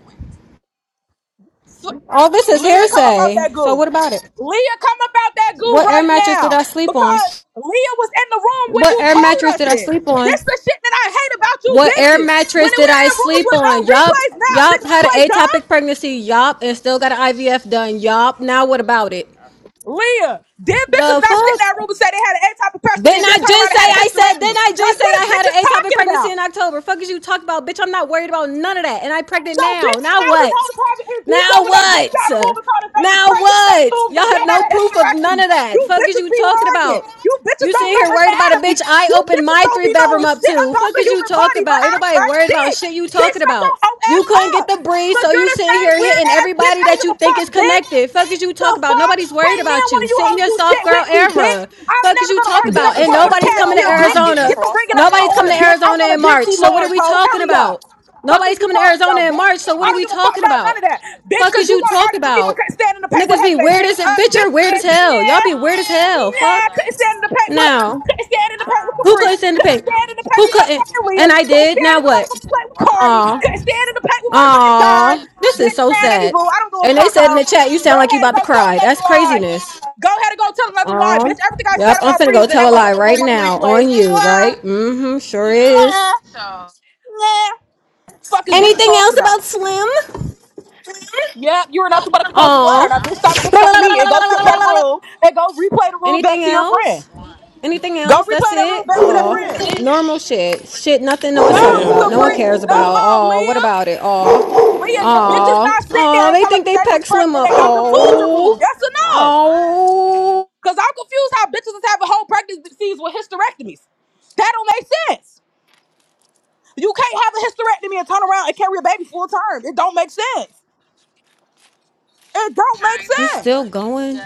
S2: So
S7: All this is
S2: Leah, come about
S7: hearsay.
S2: that
S7: So
S2: goo.
S7: what about it?
S2: Leah, come about that goo
S7: What air
S2: right
S7: mattress did
S2: now.
S7: I sleep on?
S2: Because Leah was in the room when
S7: What
S2: you
S7: air
S2: told
S7: mattress
S2: us
S7: did I
S2: this.
S7: sleep on?
S2: This the shit that I hate about you
S7: What air
S2: bitches. When
S7: mattress did
S2: we're
S7: I
S2: in rooms
S7: sleep
S2: with no
S7: on? Yup.
S2: replays, now
S7: Yup.
S2: bitches
S7: Had an
S2: play dumb.
S7: atopic pregnancy. Yup. And still got an IVF done. Yup. Now what about it?
S2: Leah, dead bitches
S7: The
S2: not sitting in that
S7: fuck?
S2: room and say they had an A type of person and
S7: Didn't
S2: then
S7: I
S2: turn around
S7: just
S2: and
S7: say
S2: had a
S7: I said,
S2: hysterectomy.
S7: didn't I
S2: Like,
S7: just say
S2: what
S7: I
S2: is
S7: had
S2: bitches
S7: an atopic
S2: talking
S7: pregnancy
S2: about?
S7: in October? Fuck is you talk about, bitch. I'm not worried about none of that. And I am pregnant
S2: So,
S7: now.
S2: bitch,
S7: Now
S2: how was
S7: what?
S2: hoes having in vitro
S7: Now
S2: when they just
S7: what?
S2: got a and told us they was
S7: Now
S2: pregnant in their
S7: what?
S2: tubes
S7: Y'all
S2: and then
S7: have
S2: had
S7: no
S2: a
S7: proof of none
S2: hysterectomy?
S7: of
S2: You
S7: that. Fuck is
S2: bitches
S7: you
S2: be
S7: talking
S2: lying.
S7: about?
S2: You bitches
S7: You
S2: don't
S7: sitting
S2: know
S7: here worried about a bitch
S2: anatomy.
S7: I
S2: You
S7: opened
S2: bitches
S7: my
S2: don't
S7: three
S2: be
S7: bedroom
S2: knowing
S7: up
S2: shit
S7: to.
S2: about
S7: Fuck
S2: the
S7: is you
S2: human
S7: talking
S2: body but
S7: about?
S2: how
S7: Ain't
S2: to
S7: nobody
S2: cut
S7: worried about
S2: dick.
S7: shit you
S2: Bitch,
S7: talking
S2: shut your
S7: about.
S2: whole
S7: You
S2: ass
S7: couldn't
S2: up.
S7: get the breeze,
S2: Cause
S7: so you
S2: you're the
S7: sitting
S2: same
S7: here
S2: weird
S7: hitting
S2: ass bitch. I
S7: everybody
S2: don't
S7: that
S2: give
S7: you
S2: a
S7: think
S2: fuck,
S7: is
S2: bitch
S7: connected. Fuck is you
S2: the
S7: talking about?
S2: fuck?
S7: Nobody's worried
S2: Can't none
S7: about
S2: one
S7: you.
S2: of you
S7: Sit in
S2: hoes
S7: your
S2: do shit
S7: soft girl
S2: with me, bitch.
S7: era.
S2: I'm
S7: Fuck is
S2: never
S7: you
S2: gonna
S7: talking
S4: I'm
S2: argue back
S7: about?
S2: and
S4: definitely
S7: And
S2: forth
S4: trying to
S2: with a
S7: nobody's
S4: figure
S7: coming
S4: out
S7: to
S2: cashier,
S4: why
S2: bitch.
S4: I'm getting the
S7: Arizona.
S2: Get the
S4: crossfire.
S2: ringing up my
S7: Nobody's coming
S2: order,
S7: to
S4: like,
S2: bitch. I
S7: Arizona
S2: want a
S7: in March.
S2: Vimsy
S7: So what are
S2: Lord,
S7: we
S2: ho.
S7: talking
S2: Hurry up.
S7: about?
S2: Fuck is
S7: Nobody's
S2: you
S7: coming to
S2: talking
S7: Arizona
S2: about,
S7: in
S2: bitch?
S7: March. So
S2: I
S7: what are
S2: don't
S7: we
S2: give a fuck
S7: talking
S2: about none
S7: about?
S2: of that, bitch.
S7: Fuck
S2: Cause
S7: is
S2: you
S7: you
S2: wanna
S7: talk
S2: argue with me
S7: about?
S2: because standing to pay with
S7: Niggas be
S2: Hefe,
S7: weird
S2: bitch.
S7: as a
S2: Uh,
S7: bitch or weird as
S2: dismiss,
S7: hell. Y'all
S2: nah.
S7: be weird as hell.
S2: Yeah,
S7: Fuck.
S2: couldn't stand in the paint with
S7: Now,
S2: couldn't stand in the paint with
S7: who
S2: Capri.
S7: couldn't send a
S2: Couldn't
S7: pic?
S2: stand in the paint
S7: Who
S2: with
S7: couldn't?
S2: motherfucking Rhea.
S7: And I
S2: Couldn't
S7: did.
S2: stand
S7: Now
S2: in the
S7: what?
S2: motherfucking paint with Cardi.
S7: Aw.
S2: Couldn't stand in the paint with motherfucking Don.
S7: Aw. This is
S2: Bitch,
S7: so
S2: man, any
S7: sad.
S2: boo. I don't give a
S7: And they
S2: fuck,
S7: said in the
S2: hoe.
S7: chat, you
S2: Go
S7: sound like you
S2: ahead and
S7: about to
S2: go tell
S7: cry.
S2: another
S7: That's
S2: lie.
S7: craziness.
S2: Go ahead and go tell another lie,
S7: Aw.
S2: bitch. Everything I
S7: Yep,
S2: said
S7: I'm
S2: about
S7: finna
S2: Bree
S7: go
S2: is in that
S7: tell a lie
S2: motherfucking
S7: right
S2: room on the
S7: now on
S2: replays.
S7: you, right?
S2: Mwah,
S7: Mm-hmm. Sure
S2: mwah,
S7: is.
S2: mwah. Fuck is bitches
S7: Anything
S2: talking
S7: else about
S2: about.
S7: Slim?
S2: Yep, you are nothing but a compulsive liar. Now, bitch, stop dick sucking
S7: Aw.
S2: me and go sit in that room and go replay the
S7: *laughs*
S2: room back
S7: Anything
S2: to your friend.
S7: else? Anything
S2: Go
S7: else? That's
S2: replay that room
S7: it.
S2: back to that friend.
S7: Oh, normal shit. Shit, nothing no one's
S2: No,
S7: talking
S13: Damn,
S7: about. No one
S2: Capri.
S7: cares
S2: No,
S7: about.
S2: um,
S7: Oh, what
S2: Leah.
S7: about it? Oh,
S2: Leah, the bitches
S7: oh,
S2: not sit there
S7: oh.
S2: and
S7: They
S2: tell us
S7: think
S2: that
S7: they
S2: they was
S7: peck Slim
S2: pregnant and
S7: up.
S2: they got them tools removed.
S7: Oh,
S2: That's a no.
S7: oh.
S2: Cause I'm confused how bitches is having whole pregnancies with hysterectomies. That don't make sense. You can't have a hysterectomy and turn around and carry a baby full term. It don't make sense. It don't make
S7: You
S2: sense.
S7: still going?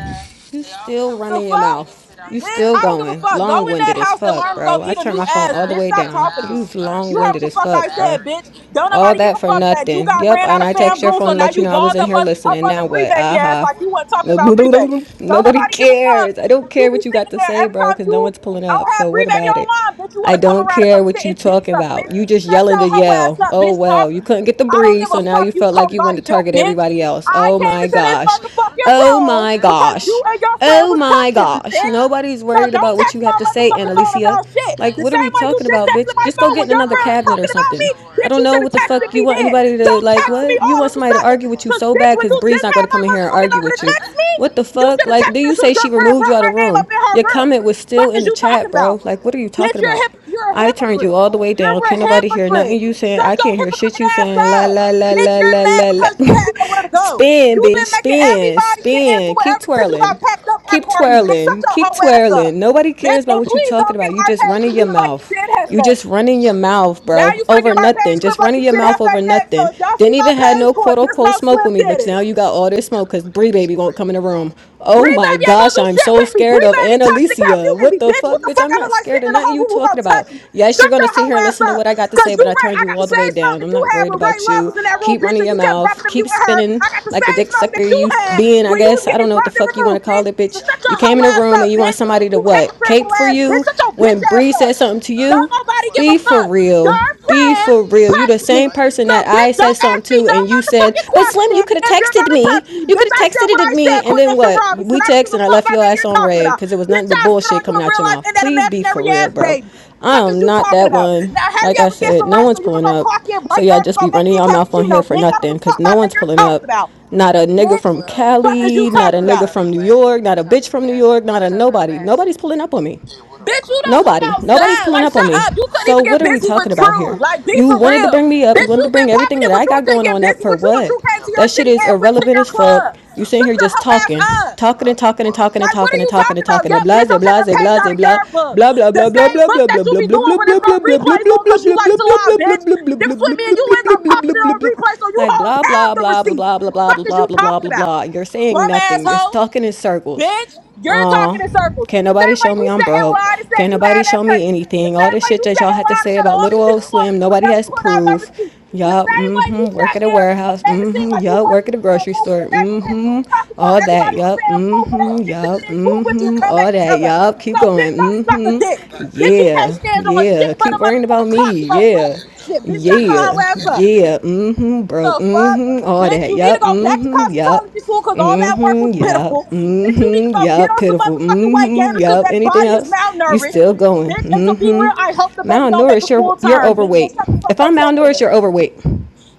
S7: You still
S2: The
S7: running your
S2: fuck?
S7: mouth? You
S2: Bitch,
S7: still
S2: I don't give a
S7: going?
S2: fuck. Go
S7: Long
S2: in that
S7: winded as
S2: house and
S7: fuck,
S2: learn to go
S7: bro. I
S2: eat a
S7: turned
S2: new
S7: my phone
S2: ass,
S7: all the
S2: bitch.
S7: way
S2: Stop
S7: down.
S2: talking to me.
S7: You's long
S2: You heard what
S7: winded
S2: the
S7: as
S2: fuck
S7: fuck,
S2: I
S7: bro.
S2: said, bitch. Don't
S7: All
S2: nobody give
S7: that
S2: a
S7: for
S2: fuck that you
S7: nothing.
S2: got
S7: Yep,
S2: ran out
S7: and
S2: of
S7: I
S2: fam
S7: text your
S2: goon, so
S7: phone to
S2: now
S7: let you
S2: you
S7: know I was
S2: balled
S7: in
S2: up
S7: here
S2: un- up
S7: listening.
S2: under
S7: Now
S2: Bree
S7: what?
S2: Baby ass
S7: Aha.
S2: like
S7: *laughs*
S2: you wasn't talking about Bree Baby.
S7: Uh-huh.
S2: Don't
S7: Nobody
S2: nobody give a fuck
S7: cares. I don't
S2: that you
S7: care
S2: be
S7: what you got
S2: sitting
S7: to
S2: there
S7: say,
S2: every
S7: bro,
S2: time
S7: because
S2: you
S7: no one's pulling
S2: don't
S7: up.
S2: have
S7: So
S2: Bree
S7: what
S2: Baby
S7: about it?
S2: online, bitch. You want
S7: I
S2: to come
S7: don't
S2: around and come
S7: care
S2: sit
S7: what you
S2: and dick
S7: talking
S2: suck,
S7: about.
S2: bitch.
S7: You just
S2: Shut
S7: yelling
S2: your
S7: to
S2: hoe ass
S7: yell.
S2: up,
S7: Oh
S2: bitch,
S7: well, you
S2: talking to me.
S7: couldn't get the
S2: I don't
S7: breeze,
S2: give a
S7: so now
S2: fuck,
S7: you
S2: you
S7: felt like
S2: coke
S7: you
S2: body
S7: wanted to
S2: built
S7: target
S2: bitch.
S7: everybody else.
S2: I
S7: Oh
S2: came
S7: my
S2: into this
S7: gosh.
S2: motherfucking
S7: Oh
S2: room
S7: my
S2: because you
S7: gosh.
S2: and your friend
S7: Oh
S2: was
S7: my
S2: touching me,
S7: gosh.
S2: bitch.
S7: Nobody's
S2: So
S7: worried
S2: don't
S7: about what
S2: text
S7: you have
S2: my
S7: to say,
S2: motherfucking phone
S7: Annalicia.
S2: about shit.
S7: Like,
S2: The
S7: what are
S2: same
S7: we
S2: way you
S7: talking
S2: just
S7: about,
S2: texted
S7: bitch?
S2: my
S7: Just go
S2: phone
S7: get
S2: when
S7: in
S2: your
S7: another
S2: friend was
S7: cabinet or
S2: talking about me,
S7: something. I
S2: bitch,
S7: don't
S2: you
S7: know
S2: should have
S7: what the
S2: texted
S7: fuck
S2: me
S7: you want
S2: then.
S7: anybody to,
S2: Don't
S7: like,
S2: text me
S7: what? You
S2: all of
S7: want
S2: a
S7: somebody to
S2: sudden.
S7: argue with you
S2: Cause
S7: so
S2: bitch,
S7: bad
S2: when
S7: because
S2: you
S7: Bree's
S2: just
S7: not
S2: had
S7: going to
S2: my
S7: come in here and
S2: motherfucking
S7: argue
S2: number to
S7: with you.
S2: text me,
S7: What the
S2: you
S7: fuck?
S2: should have
S7: Like, do
S2: texted me
S7: you
S2: as soon
S7: say
S2: as
S7: she
S2: your friend
S7: removed you
S2: brought
S7: out
S2: my
S7: of the
S2: name
S7: room?
S2: up in her
S7: Your
S2: room.
S7: comment was still
S2: Fuck
S7: in
S2: is
S7: the
S2: you
S7: chat,
S2: talking about?
S7: bro. Like, what are you
S2: Bitch,
S7: talking
S2: you're a
S7: about?
S2: hip- you're a
S7: I turned you
S2: hypocrite.
S7: all the way
S2: You're
S7: down.
S2: a
S7: Can't nobody hear
S2: hypocrite.
S7: nothing you saying.
S2: Shut
S7: I
S2: your
S7: can't hear shit
S2: hypocrite
S7: you
S2: ass
S7: saying. La
S2: up.
S7: la la
S2: Bitch,
S7: la
S2: you're
S7: la
S2: mad
S7: la la.
S2: because you
S7: *laughs*
S2: had nowhere to go.
S7: spin,
S2: You've
S7: bitch.
S2: been making
S7: Spin,
S2: everybody get into
S7: spin.
S2: it
S7: Keep
S2: ever since you got
S7: twirling.
S2: packed up by
S7: Keep
S2: Cardi. Bitch, shut
S7: twirling.
S2: your
S7: Keep
S2: hoe ass up.
S7: twirling. Nobody
S2: Bitch,
S7: cares about
S2: and
S7: what you
S2: please
S7: talking
S2: don't get
S7: about. You
S2: my
S7: just
S2: page
S7: running your
S2: deleted like you
S7: mouth.
S2: did
S7: You
S2: Hefe.
S7: just running your mouth,
S2: Now
S7: bro,
S2: you finna get
S7: over
S2: my
S7: nothing.
S2: page
S7: Just
S2: clipped like
S7: running
S2: you
S7: your
S2: did
S7: mouth
S2: Hefe
S7: over
S2: next. So
S7: nothing.
S2: if y'all see
S7: Didn't
S2: my
S7: even had
S2: page
S7: no
S2: going,
S7: quote
S2: just
S7: unquote
S2: know
S7: smoke
S2: Slim
S7: with me,
S2: did
S7: but
S2: it.
S7: now you got all this smoke because Bree Baby won't come in the room. Oh
S2: Bree
S7: my
S2: baby ain't gonna
S7: gosh,
S2: do
S7: I'm
S2: shit
S7: so
S2: with me.
S7: scared
S2: Bree
S7: of
S2: baby touched the cat
S7: Annalicia.
S2: muting me,
S7: What the
S2: bitch.
S7: fuck,
S2: What the
S7: bitch?
S2: fuck
S7: I'm
S2: I
S7: not
S2: look like
S7: scared
S2: sitting
S7: of
S2: in the
S7: nothing
S2: whole
S7: you
S2: room? Who
S7: talking
S2: gonna touch
S7: about.
S2: me?
S7: Yes, you're
S2: Shut
S7: gonna
S2: your
S7: sit
S2: hoe
S7: here and
S2: ass
S7: listen to
S2: up.
S7: what I got to
S2: Cause
S7: say,
S2: you
S7: but I
S2: right,
S7: turned
S2: I
S7: you
S2: got the
S7: all the way
S2: same smoke
S7: down.
S2: that
S7: I'm
S2: you
S7: not
S2: had
S7: worried
S2: when Ray
S7: about
S2: Love
S7: you.
S2: was in that room,
S7: Keep
S2: bitch,
S7: running
S2: and
S7: your
S2: you kept dropping
S7: mouth.
S2: them, you
S7: Keep
S2: and her.
S7: spinning
S2: I got the
S7: like the
S2: same
S7: dick
S2: smoke
S7: sucker
S2: that you
S7: you
S2: had
S7: being. I
S2: when you was
S7: guess I don't
S2: getting
S7: know what the
S2: dropped and
S7: fuck you want to
S2: removed,
S7: call
S2: bitch.
S7: it,
S2: So
S7: bitch.
S2: shut
S7: You
S2: your
S7: came
S2: hoe
S7: in the
S2: ass
S7: room
S2: up,
S7: and you want
S2: bitch.
S7: somebody to
S2: You
S7: what?
S2: hypocritical
S7: Cape for
S2: ass bitch.
S7: you?
S2: Shut your bitch
S7: when
S2: ass
S7: Bree
S2: up.
S7: said something to
S2: Don't
S7: you,
S2: nobody give a
S7: be for
S2: fuck.
S7: real.
S2: Your
S7: Be
S2: friends
S7: for real. You the
S2: touched me.
S7: same person
S2: So,
S7: that I
S2: bitch,
S7: said
S2: don't
S7: something
S2: ask me
S7: to,
S2: no
S7: and you said,
S2: motherfucking
S7: "But Slim,
S2: question
S7: you could have
S2: if you're
S7: texted
S2: gonna touch
S7: me.
S2: me.
S7: You could
S2: Bitch,
S7: have
S2: I said
S7: texted
S2: what
S7: it at
S2: I said,
S7: me." And then
S2: Quinessa
S7: what?
S2: Robinson.
S7: We
S2: I don't
S7: text,
S2: give
S7: and
S2: a
S7: I
S2: fuck
S7: left
S2: about
S7: your
S2: none
S7: ass
S2: you're
S7: on
S2: talking
S7: red
S2: about.
S7: because it was nothing
S2: Bitch,
S7: but
S2: I spit on
S7: bullshit
S2: you
S7: coming
S2: in
S7: out
S2: real
S7: your
S2: life
S7: mouth.
S2: and that
S7: Please be for
S2: imaginary
S7: real,
S2: ass
S7: bro.
S2: baby.
S7: I
S2: Fuck is
S7: am
S2: you
S7: not
S2: talking
S7: that
S2: about?
S7: one.
S2: Now hurry
S7: Like I
S2: up and get
S7: said,
S2: some
S7: no
S2: rest
S7: one's
S2: so you can
S7: pulling
S2: go
S7: up.
S2: clock in
S7: So
S2: bright
S7: y'all
S2: early to
S7: just
S2: go
S7: be
S2: make
S7: running
S2: me a
S7: your mouth on
S2: cappuccino,
S7: here for
S2: bitch. I don't
S7: nothing
S2: give a fuck
S7: because
S2: about
S7: no
S2: none
S7: one's
S2: you're
S7: pulling
S2: talking
S7: up.
S2: about,
S7: Not a nigga
S2: bitch.
S7: from
S2: Fuck is you
S7: Cali, not a
S2: talking about?
S7: nigga from New York, not a bitch from New York, not a nobody. Nobody's pulling up on me.
S2: Bitch, you don't come outside. Like, shut up. You couldn't even get busy with True. Like, be for real. Bitch, you been popping it with True and couldn't get busy with True, and True came to your city and went to your club. Shut your hoe ass up. Like, what are you talking about? Yup, bitch, I'm taking a page out of your book. The same book that you be doing when there's no replays on because you like to lie, bitch. The difference between me and you is I'm popping it on replay so you hoes have the receipt. Fuck is you talking about? Bum asshole. Bitch, you're
S7: Uh,
S2: talking in circles.
S7: can't
S2: The
S7: nobody
S2: same way
S7: show me
S2: you
S7: I'm
S2: sat and
S7: broke.
S2: lied and said
S7: Can't
S2: you had
S7: nobody
S2: that
S7: show me
S2: pregnancy. The
S7: anything. All
S2: same
S7: this
S2: way
S7: shit
S2: you
S7: that
S2: sat
S7: y'all
S2: and
S7: had to
S2: lied and
S7: say
S2: said
S7: about
S2: all
S7: little
S2: these
S7: old
S2: people wanted
S7: Slim,
S2: you would
S7: nobody
S2: never
S7: has
S2: put out no
S7: proof.
S2: receipt. The
S7: Y'all,
S2: same way you
S7: mm-hmm, work
S2: sat
S7: at a
S2: there and
S7: warehouse.
S2: made it seem
S7: Mm-hmm,
S2: like you
S7: yup,
S2: wasn't
S7: work at a
S2: sitting in a
S7: grocery
S2: room with
S7: store.
S2: the next bitch
S7: Mm-hmm,
S2: talking about
S7: all that.
S2: everybody from
S7: Yup,
S2: Van Blue for that
S7: mm-hmm,
S2: bitch to
S7: yup,
S2: get into it with you and
S7: mm-hmm,
S2: come back
S7: all
S2: and
S7: that.
S2: tell us.
S7: y'all
S2: So
S7: keep
S2: bitch,
S7: going.
S2: don't suck a dick.
S7: Mm-hmm,
S2: Bitch, you can't
S7: yeah,
S2: stand on shit
S7: yeah.
S2: but
S7: Keep
S2: a
S7: worrying about
S2: motherfucking
S7: me.
S2: clock to go grab
S7: Yeah,
S2: some shit. Bitch, shut your
S7: yeah,
S2: whole ass up
S7: yeah. Mm-hmm, broke.
S2: the fuck?
S7: Mm-hmm, all
S2: Bitch,
S7: that.
S2: you need to
S7: Yup,
S2: go back to
S7: mm-hmm, yup.
S2: cosmetology school because all that work was
S7: Mm-hmm, yup.
S2: pitiful. Bitch, you need to
S7: Mm-hmm,
S2: go get
S7: yup.
S2: on some
S7: Pitiful.
S2: motherfucking weight
S7: Mm-hmm,
S2: gainers because
S7: yup.
S2: that
S7: Anything
S2: body is
S7: else? You
S2: malnourished.
S7: still going.
S2: Bitch, and to be
S7: Mm-hmm.
S2: real, I hope the baby don't make a
S7: Malnourished, you're,
S2: full
S7: you're
S2: turn. Bitch, so
S7: overweight.
S2: shut the fuck
S7: If
S2: up
S7: I'm
S2: talking to
S7: malnourished,
S2: me.
S7: you're overweight.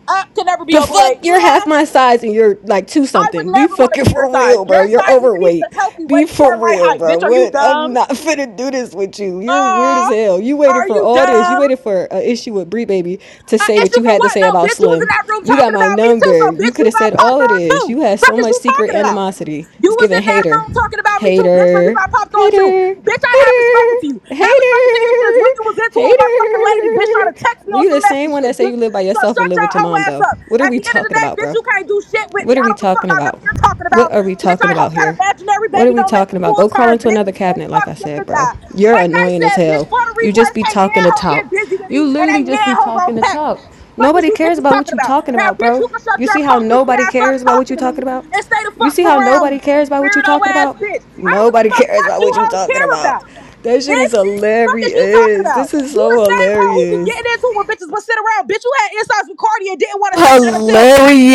S2: I can never be
S7: The
S2: overweight.
S7: fuck, you're half
S2: Mwah.
S7: my size and you're like two
S2: I would
S7: something. Be
S2: never want to
S7: fucking
S2: be your
S7: for
S2: size.
S7: real,
S2: Your
S7: bro. You're
S2: size isn't even the
S7: overweight.
S2: healthy weight
S7: Be
S2: for
S7: for
S2: my
S7: real,
S2: height.
S7: bro.
S2: Bitch, are you
S7: What?
S2: dumb?
S7: I'm not *laughs* finna do this with you. You're weird
S2: Aw,
S7: as hell. You waited
S2: are
S7: for
S2: you
S7: all this. You
S2: dumb?
S7: waited for an issue with Brie Baby to
S2: An
S7: say what
S2: issue
S7: you
S2: for
S7: had to
S2: what?
S7: say
S2: No,
S7: about
S2: bitch, you was in
S7: Slim.
S2: that room
S7: You got
S2: talking
S7: my
S2: about me too, so
S7: number. You
S2: bitch,
S7: could
S2: you
S7: have
S2: got
S7: said
S2: popped
S7: all of
S2: on
S7: this.
S2: too.
S7: You had
S2: Fuck
S7: so
S2: is
S7: much
S2: you
S7: secret
S2: talking about?
S7: animosity.
S2: You
S7: It's
S2: was
S7: giving
S2: in that
S7: hater,
S2: room talking about me too, bitch, So you
S7: hater,
S2: got popped on too.
S7: hater,
S2: Bitch, I haven't spoken
S7: hater,
S2: to you. Haven't spoken to you since
S7: hater,
S2: when you was into a motherfucking
S7: hater.
S2: lady, bitch, trying to text
S7: *laughs*
S2: me on
S7: You
S2: some
S7: the same
S2: messy
S7: one
S2: shit,
S7: that say
S2: bitch.
S7: you live by
S2: So
S7: yourself and
S2: shut
S7: live
S2: your
S7: with your
S2: hoe
S7: mom
S2: ass
S7: though.
S2: up.
S7: What are
S2: At the
S7: we
S2: end of the
S7: talking
S2: day,
S7: about,
S2: bitch,
S7: bro?
S2: you can't do shit with me.
S7: What are
S2: I
S7: we
S2: don't give a fuck
S7: talking
S2: about
S7: about?
S2: nothing you're talking
S7: What
S2: about.
S7: are we
S2: Bitch,
S7: talking
S2: I
S7: about
S2: hope that
S7: here?
S2: imaginary
S7: What
S2: baby
S7: are we
S2: don't make
S7: talking
S2: it
S7: about?
S2: full
S7: Go crawl
S2: term,
S7: into
S2: bitch.
S7: another
S2: And
S7: cabinet, like
S2: fuck
S7: I
S2: dick
S7: said,
S2: and
S7: bro.
S2: die.
S7: You're
S2: Like I
S7: annoying as
S2: said, bitch,
S7: hell.
S2: for the
S7: You just
S2: replays,
S7: be
S2: can't
S7: talking
S2: nan
S7: to
S2: hoe get
S7: talk.
S2: busy with
S7: You
S2: me and
S7: literally
S2: ain't
S7: just
S2: nan
S7: be
S2: hoe
S7: talking
S2: gonna
S7: to
S2: pack
S7: talk.
S2: me. Fuck is
S7: Nobody
S2: you
S7: cares
S2: bitches
S7: about
S2: talking
S7: what you
S2: about?
S7: talking
S2: Now,
S7: about,
S2: bitch, you
S7: bro.
S2: can shut
S7: You
S2: your
S7: see how
S2: punk pussy
S7: nobody
S2: ass up
S7: cares about what you
S2: talking to me
S7: talking about?
S2: and stay the
S7: You
S2: fuck
S7: see
S2: from
S7: how
S2: around me.
S7: nobody cares about what you
S2: Weirdo
S7: talking
S2: ass
S7: about?
S2: bitch. I don't give a
S7: Nobody
S2: fuck
S7: cares
S2: what
S7: about
S2: you
S7: what you
S2: hoes
S7: talking
S2: care
S7: about.
S2: about,
S7: That shit is
S2: bitch. Fuck is you talking
S7: hilarious. This
S2: about?
S7: is
S2: You the
S7: so
S2: same hoe who be
S7: hilarious.
S2: getting into it when bitches but sit around. Bitch, you had insights with Cardi and didn't want to say nothing until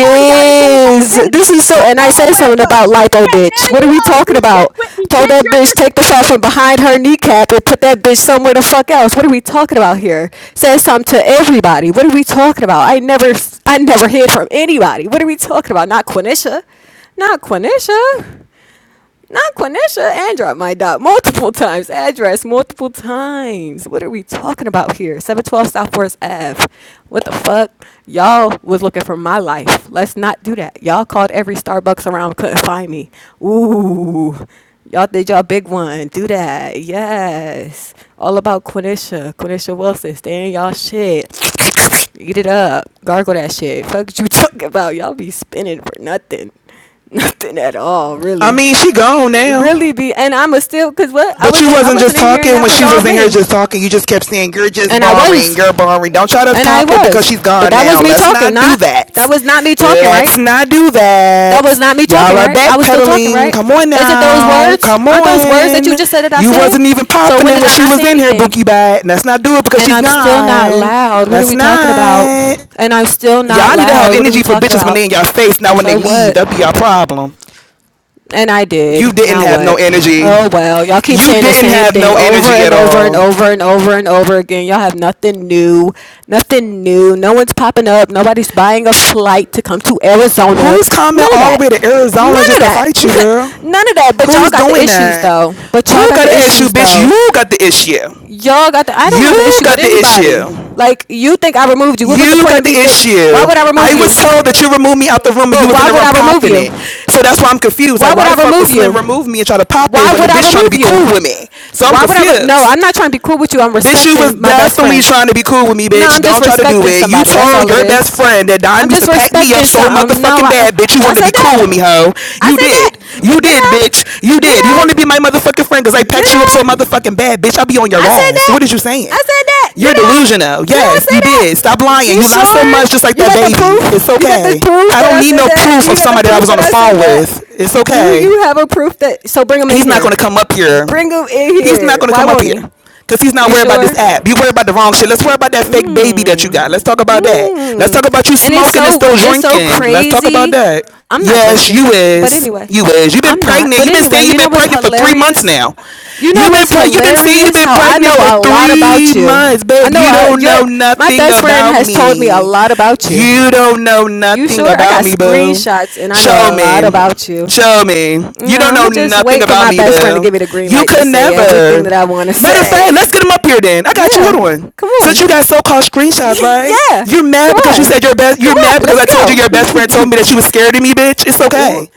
S2: Cardi got into it with fucking Kennedy.
S7: This is so,
S2: Shut
S7: and
S2: your
S7: I
S2: hoe
S7: said
S2: ass
S7: something
S2: up.
S7: about lipo,
S2: Okay, none
S7: bitch.
S2: of
S7: What
S2: you
S7: are we
S2: hoes do
S7: talking
S2: shit
S7: about?
S2: with me,
S7: Told
S2: bitch.
S7: that
S2: You're
S7: bitch
S2: just
S7: take the shot from behind her kneecap and put that bitch somewhere the fuck else. What are we talking about here? Said something to everybody. What are we talking about? I never, I never heard from anybody. What are we talking about? Not Quenisha. Not Quenisha. Not Quanisha. And dropped my dot multiple times. Address multiple times. What are we talking about here? 712 Southwest Ave. What the fuck? Y'all was looking for my life. Let's not do that. Y'all called every Starbucks around, couldn't find me. Ooh. Y'all did y'all big one. Do that. Yes. All about Quanisha. Quanisha Wilson. Stay in y'all shit. *laughs* Eat it up. Gargle that shit. Fuck you talking about. Y'all be spinning for nothing. *laughs* Nothing at all,
S5: I
S7: really.
S5: mean, she gone
S7: It
S5: now.
S7: really be and I'ma still cause what I
S5: But you
S7: wasn't I
S5: wasn't
S7: wasn't
S5: just
S7: in here and
S5: talking
S7: that
S5: when
S7: was
S5: she
S7: all
S5: was in here
S7: me.
S5: just talking. You just kept saying, you're just
S7: And I
S5: boring.
S7: was.
S5: You're boring. Don't try to
S7: And I
S5: cop it because
S7: was.
S5: she's
S7: But
S5: gone
S7: that was
S5: now.
S7: me
S5: Let's
S7: talking,
S5: not do
S7: not that
S5: that.
S7: was not me talking, right?
S5: Let's not do
S7: That was
S5: that.
S7: not me
S5: Y'all
S7: talking,
S5: are
S7: right? I was still talking,
S5: backpedaling.
S7: right?
S5: Come on
S7: Isn't those
S5: now.
S7: words?
S5: Come
S7: Aren't those words that you
S5: on.
S7: just said that I
S5: You
S7: said?
S5: wasn't even
S7: So
S5: popping
S7: when
S5: it
S7: did
S5: when
S7: I
S5: she
S7: not
S5: was
S7: say
S5: in here, Bookie
S7: anything?
S5: Bat. Let's not do it because
S7: And
S5: she's
S7: I'm still not
S5: gone.
S7: loud. What are
S5: Let's
S7: we talking about?
S5: not.
S7: And I'm still not
S5: Y'all need to have
S7: loud. What are we
S5: energy for
S7: talking
S5: bitches when
S7: about?
S5: they in your face, not when they
S7: So
S5: leave.
S7: what?
S5: That'd be your problem.
S7: And I
S5: You
S7: did.
S5: didn't
S7: Now
S5: have no
S7: what?
S5: energy.
S7: Oh well, y'all keep
S5: You
S7: saying the
S5: didn't
S7: same
S5: have
S7: thing
S5: no
S7: over
S5: energy at
S7: and over and
S5: all.
S7: over and over and over again. Y'all have nothing new, nothing new. No one's popping up. Nobody's buying a flight to come to Arizona.
S5: Who's coming
S7: None of
S5: all the
S7: that.
S5: way to Arizona
S7: None
S5: just
S7: of
S5: to
S7: that.
S5: fight you, girl?
S7: *laughs* None of that. But y'all
S5: Who's
S7: got the
S5: doing
S7: issues
S5: that?
S7: though. But y'all
S5: Who
S7: got
S5: got
S7: the
S5: the issue,
S7: issues
S5: bitch?
S7: though.
S5: You got the issue.
S7: Y'all got the. I don't have an
S5: You
S7: issue with
S5: got the
S7: anybody.
S5: issue.
S7: Like you think I removed you? What was the
S5: You
S7: point
S5: got
S7: of
S5: the
S7: me? Th- why
S5: issue.
S7: would I remove
S5: I was
S7: you?
S5: told that you removed me out the room and you
S7: But
S5: was in
S7: why
S5: the
S7: would
S5: room
S7: I remove
S5: popping
S7: you?
S5: it. So that's why I'm confused. Like,
S7: Why would
S5: why
S7: I
S5: the fuck would
S7: remove you?
S5: Slim remove me and try to pop
S7: Why
S5: it when the
S7: would I
S5: bitch trying to
S7: remove
S5: be cool
S7: you?
S5: with me? So I'm
S7: Why would I? Re- no,
S5: confused.
S7: I'm not trying to be cool with you. I'm
S5: Bitch, you was
S7: respecting my best
S5: definitely
S7: friend.
S5: trying to be cool with me,
S7: No,
S5: bitch.
S7: I'm just
S5: Don't try to do
S7: respecting
S5: it. You
S7: somebody. That's
S5: told
S7: all it
S5: your best
S7: is.
S5: friend that
S7: I'm
S5: Dime used to
S7: just
S5: pack me up
S7: respecting
S5: so
S7: something. No,
S5: motherfucking
S7: I, uh,
S5: bad, bitch. You
S7: I
S5: wanted to
S7: said
S5: be cool with me,
S7: that.
S5: hoe.
S7: I
S5: You
S7: said
S5: did.
S7: that.
S5: You
S7: Did
S5: did,
S7: I?
S5: bitch. You
S7: Did
S5: did. You
S7: I?
S5: wanted to be my motherfucking friend because I packed
S7: Did
S5: you up so
S7: I?
S5: motherfucking bad, bitch. I'll be on your
S7: I said
S5: ass.
S7: that.
S5: What is you saying?
S7: I said that. Did
S5: You're
S7: I?
S5: delusional.
S7: Did I
S5: Yes,
S7: say
S5: you did. Stop
S7: that?
S5: lying.
S7: You
S5: You lied so
S7: sure?
S5: much, just like
S7: You
S5: that
S7: got the
S5: baby.
S7: proof?
S5: It's
S7: You got the
S5: okay.
S7: proof
S5: I
S7: that
S5: don't
S7: I
S5: need
S7: said
S5: no
S7: that? Do
S5: proof of
S7: you got the
S5: somebody that I
S7: proof
S5: was on
S7: that
S5: the
S7: I said
S5: phone
S7: that?
S5: with. It's
S7: Do
S5: okay.
S7: you have a proof that? So bring him in
S5: He's not gonna
S7: here.
S5: come up here
S7: Bring him in
S5: He's not
S7: here.
S5: gonna
S7: Why
S5: come up
S7: won't
S5: here
S7: he?
S5: because he's not
S7: You
S5: worried about this
S7: sure?
S5: app. You worried about the wrong shit. Let's worry about that fake baby that you got. Let's talk about that. Let's
S7: Mm.
S5: talk about you
S7: And it's
S5: smoking and
S7: so
S5: still
S7: it's so
S5: drinking. Let's talk about
S7: crazy.
S5: that.
S7: I'm not
S5: Yes,
S7: drinking,
S5: you
S7: but
S5: is.
S7: anyway,
S5: You is. You've been
S7: I'm not.
S5: pregnant.
S7: But
S5: You've been
S7: anyway,
S5: saying you've
S7: you know
S5: been
S7: what's
S5: pregnant for three months
S7: hilarious?
S5: now.
S7: You know
S5: You've been
S7: what's
S5: pre- you've been saying you've
S7: hilarious?
S5: been
S7: How I know
S5: pregnant for
S7: a lot
S5: three
S7: about you.
S5: months,
S7: I
S5: babe.
S7: know
S5: You
S7: I,
S5: don't
S7: your
S5: know
S7: my
S5: nothing
S7: best friend
S5: about
S7: has told me a
S5: me.
S7: lot about you.
S5: You don't know
S7: You
S5: nothing
S7: sure? I
S5: about
S7: got
S5: me, boo.
S7: screenshots and I know
S5: Show
S7: a lot
S5: me.
S7: about you.
S5: Show me. You don't
S7: No, I'm
S5: know
S7: gonna just
S5: nothing
S7: wait for
S5: about
S7: my
S5: me,
S7: best friend to give
S5: boo.
S7: me the green
S5: You
S7: light to
S5: could
S7: say everything that
S5: never.
S7: I want to *laughs*
S5: Matter of fact,
S7: say.
S5: let's get him up here then. I got you. Hold
S7: Yeah,
S5: on.
S7: come
S5: Since you
S7: on.
S5: got so-called screenshots,
S7: *laughs*
S5: right?
S7: yeah,
S5: You're
S7: come
S5: mad because you
S7: on,
S5: said your best.
S7: come
S5: You're mad
S7: on,
S5: because
S7: let's
S5: I told you
S7: go.
S5: your best friend told me
S7: *laughs*
S5: that you was scared of me, bitch. It's
S7: ooh,
S5: okay.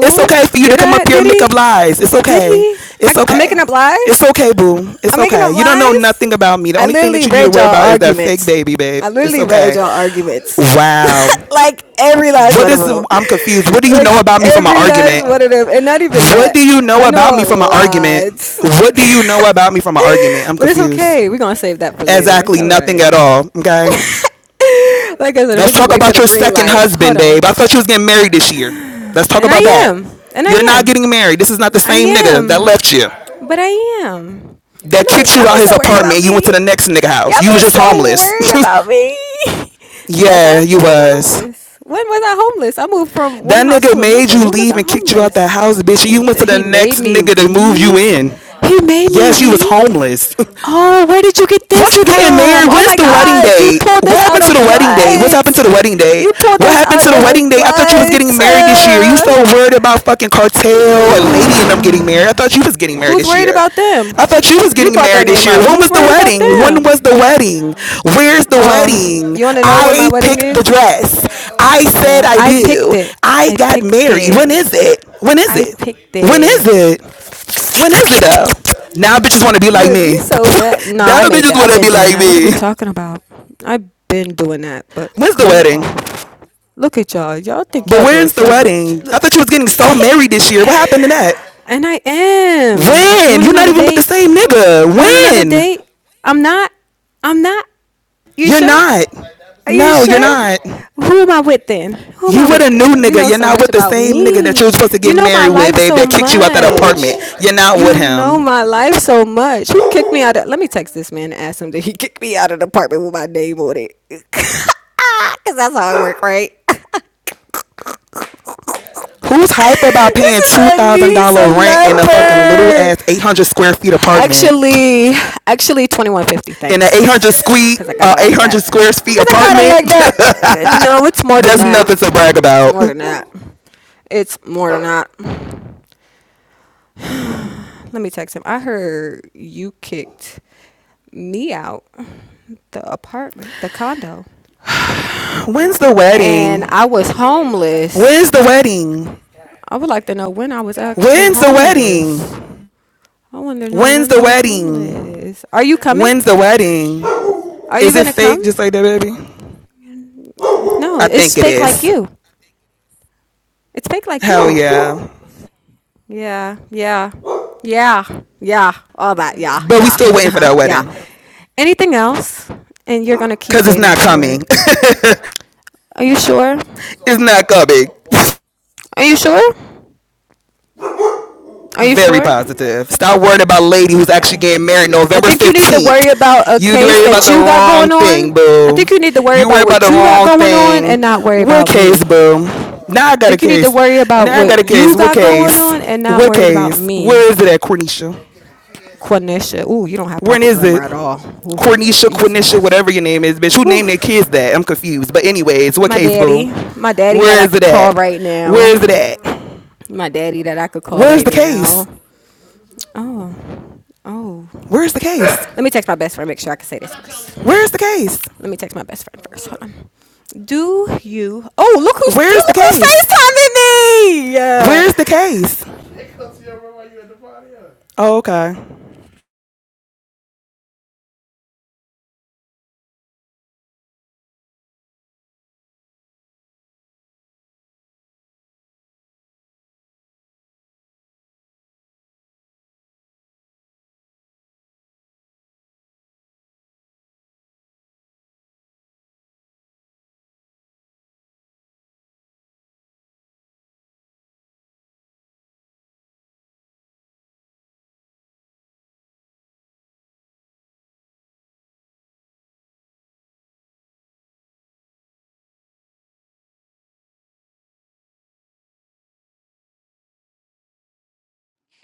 S5: It's okay for you to
S7: did
S5: come
S7: I?
S5: up here and
S7: Did
S5: make up
S7: he?
S5: lies. It's
S7: Did
S5: okay.
S7: he? I,
S5: It's
S7: I'm
S5: okay.
S7: making up
S5: It's
S7: lies.
S5: okay, boo. It's
S7: I'm making
S5: okay.
S7: up
S5: You don't know
S7: lies.
S5: nothing about me. The
S7: I
S5: only thing that
S7: literally
S5: you need to
S7: read
S5: worry
S7: y'all
S5: about is that fake
S7: arguments.
S5: baby, babe.
S7: I
S5: It's
S7: literally read
S5: okay.
S7: y'all arguments.
S5: Wow.
S7: *laughs* like every last
S5: What
S7: one of
S5: is
S7: them.
S5: the, I'm confused. What do you know
S7: Like
S5: about me from an
S7: every last
S5: argument?
S7: one of them, and not even
S5: What
S7: that.
S5: do you
S7: I
S5: know about
S7: know
S5: me
S7: a
S5: from an argument?
S7: lot.
S5: What do you know about me from an
S7: *laughs*
S5: argument? I'm
S7: But it's
S5: confused.
S7: okay. We're gonna save that for later. It's
S5: Exactly
S7: all
S5: nothing
S7: right.
S5: at all. Okay.
S7: Like I said,
S5: Let's
S7: we just
S5: talk
S7: wait for
S5: about
S7: the
S5: your
S7: green
S5: second
S7: light. Hold
S5: husband,
S7: on.
S5: babe. I thought you was getting married this year. Let's talk
S7: And I
S5: about that.
S7: am. And I
S5: You're not
S7: am.
S5: getting married. This is not the
S7: I
S5: same nigga that
S7: am.
S5: left you,
S7: But I am.
S5: that
S7: Look,
S5: kicked
S7: y'all
S5: you
S7: be
S5: out his
S7: so worried about
S5: apartment. and You went
S7: me.
S5: to the
S7: *laughs*
S5: next nigga house.
S7: Y'all
S5: You
S7: be
S5: was just
S7: so
S5: homeless.
S7: worried about me. *laughs*
S5: *laughs*
S7: Was
S5: yeah,
S7: I?
S5: you
S7: When was I
S5: was.
S7: homeless? When was I homeless? I moved from one
S5: That
S7: house
S5: nigga
S7: to
S5: made
S7: another.
S5: you
S7: When was
S5: leave
S7: I
S5: and kicked you out that
S7: homeless?
S5: house, bitch. You went to the
S7: He made
S5: next
S7: me
S5: nigga to move you
S7: leave.
S5: in.
S7: He made me
S5: Yes, you was
S7: leave.
S5: homeless. *laughs*
S7: Oh, where did you get
S5: Once
S7: this
S5: you getting
S7: from?
S5: married,
S7: Oh
S5: when's
S7: my
S5: the wedding
S7: God, you
S5: day?
S7: pulled
S5: What
S7: this out
S5: happened to the
S7: of
S5: wedding day? What's happened
S7: what?
S5: to the wedding day?
S7: You pulled
S5: What
S7: this
S5: happened
S7: out
S5: to the
S7: of
S5: wedding day? I thought you was
S7: what?
S5: getting married this year. You so worried about fucking cartel and lady and them getting married. I thought you was getting married
S7: Who's
S5: this
S7: worried
S5: year.
S7: about them?
S5: I thought you was
S7: You
S5: getting
S7: brought their
S5: married this
S7: name
S5: year.
S7: up.
S5: When was
S7: Who's
S5: the
S7: worried about
S5: wedding? When
S7: them?
S5: was the wedding? Where's the
S7: Oh,
S5: wedding?
S7: you want to know when my
S5: I
S7: wedding
S5: picked the
S7: is?
S5: dress. I said
S7: Yeah,
S5: I
S7: I picked
S5: do.
S7: it.
S5: I
S7: I
S5: got
S7: picked
S5: married.
S7: it.
S5: When is it? When is
S7: I
S5: it?
S7: picked
S5: When is
S7: it.
S5: it? When is it though? Now bitches want to be like
S7: Look,
S5: me. *laughs*
S7: you so mad. No,
S5: now
S7: I made
S5: bitches
S7: that.
S5: want
S7: I've
S5: to
S7: been
S5: be
S7: doing
S5: like
S7: that. What are
S5: me.
S7: we talking about? I've been doing that, but
S5: When's the
S7: go
S5: wedding?
S7: off. Look at y'all. Y'all think
S5: But
S7: y'all doing
S5: where's the
S7: so much.
S5: wedding? I thought
S7: Look.
S5: you was getting
S7: *laughs*
S5: so married this year. What happened to that?
S7: and I am. You
S5: When?
S7: want to
S5: You're
S7: know
S5: not
S7: the
S5: even with the
S7: date?
S5: same nigga.
S7: You want to know the
S5: When?
S7: date? I'm not. I'm not. You
S5: You're
S7: sure?
S5: not.
S7: Are you
S5: No, you're
S7: sure?
S5: not.
S7: Who am I with then? Who am I
S5: You with a
S7: with then?
S5: new
S7: You
S5: nigga.
S7: know
S5: You're
S7: so
S5: not
S7: much
S5: with the
S7: about
S5: same nigga that you were
S7: me.
S5: supposed to
S7: You
S5: get
S7: know my
S5: married with,
S7: life
S5: babe,
S7: so
S5: that kicked you out that
S7: much.
S5: apartment. You're not with
S7: You know
S5: him.
S7: my life so much. Who kicked me out of? Let me text this man and ask him did he kick me out of the apartment with my name on it? *laughs* Cause that's how it work, right? *laughs*
S5: Who's hype about
S7: This
S5: paying
S7: is Anissa
S5: $2,000 rent in a fucking little
S7: Leper.
S5: ass 800 square feet apartment?
S7: Actually, actually, twenty one fifty.
S5: in an 800
S7: Thanks,
S5: squee,
S7: cause I got
S5: uh,
S7: it like
S5: 800
S7: that. Cause
S5: square feet
S7: I got it
S5: apartment.
S7: like that. Uh, no, it's
S5: *laughs*
S7: more than
S5: There's nothing to brag
S7: that. It's
S5: about.
S7: more than that. It's more than that. Let me text him. I heard you kicked me out the apartment, the condo,
S5: When's the wedding?
S7: and I was
S5: When's
S7: homeless.
S5: the wedding?
S7: I would like to know when I was actually
S5: When's the
S7: homeless.
S5: wedding?
S7: I want to know
S5: When's
S7: when
S5: the
S7: I was
S5: wedding?
S7: homeless. Are you
S5: When's the
S7: coming?
S5: wedding?
S7: Are you
S5: Is it
S7: gonna
S5: fake
S7: come?
S5: just like that, baby?
S7: No,
S5: I
S7: it's
S5: think it
S7: fake like
S5: is.
S7: you. It's fake like
S5: Hell
S7: you.
S5: yeah.
S7: Yeah, yeah, yeah, yeah, all that. Yeah,
S5: But we
S7: yeah,
S5: still waiting for
S7: uh-huh,
S5: that
S7: yeah.
S5: wedding.
S7: Anything else, and you're gonna keep
S5: Cause it's
S7: waiting
S5: not
S7: for
S5: coming.
S7: it. Are you sure?
S5: *laughs* it's not coming.
S7: Are you sure? Are you
S5: Very
S7: sure?
S5: positive. Stop worrying about a lady who's actually
S7: Okay.
S5: getting married
S7: I
S5: November
S7: think you need to
S5: 15th.
S7: worry about a
S5: You
S7: case
S5: worry about
S7: that
S5: the
S7: you got
S5: wrong
S7: going
S5: thing,
S7: on. I
S5: boo.
S7: think you need to worry
S5: You worry
S7: about
S5: about the
S7: what you got
S5: wrong
S7: going on
S5: thing.
S7: and not worry
S5: What
S7: about
S5: case,
S7: me.
S5: boo? Now I
S7: I
S5: got a
S7: think you need to
S5: case.
S7: worry about
S5: Now I got a
S7: what
S5: case.
S7: you
S5: What
S7: got going
S5: case?
S7: on and not
S5: What
S7: worried about
S5: case? Where is
S7: me.
S5: it at, Cornisha?
S7: Quanisha. Ooh, you don't have
S5: When
S7: proper
S5: is
S7: grammar
S5: it?
S7: at all. Ooh,
S5: Cornisha, Cornisha,
S7: Jesus.
S5: whatever your name is, bitch. Who
S7: Ooh.
S5: named their kids that? I'm confused. But anyways, what
S7: My
S5: case, boo?
S7: daddy, my daddy that
S5: Where
S7: I
S5: is
S7: could
S5: it at?
S7: call right
S5: Where is it
S7: now.
S5: at?
S7: My daddy that I could call
S5: Where's
S7: right
S5: the case?
S7: now. Oh, oh.
S5: Where's the case?
S7: Let me text my best friend. Make sure I can say this first.
S5: Where's the case?
S7: Let me text my best friend first. Hold on. Do you? Oh, look who's
S5: Where's the
S7: look who's
S5: case?
S7: FaceTiming me. Yeah.
S5: Where's the case? Oh, okay.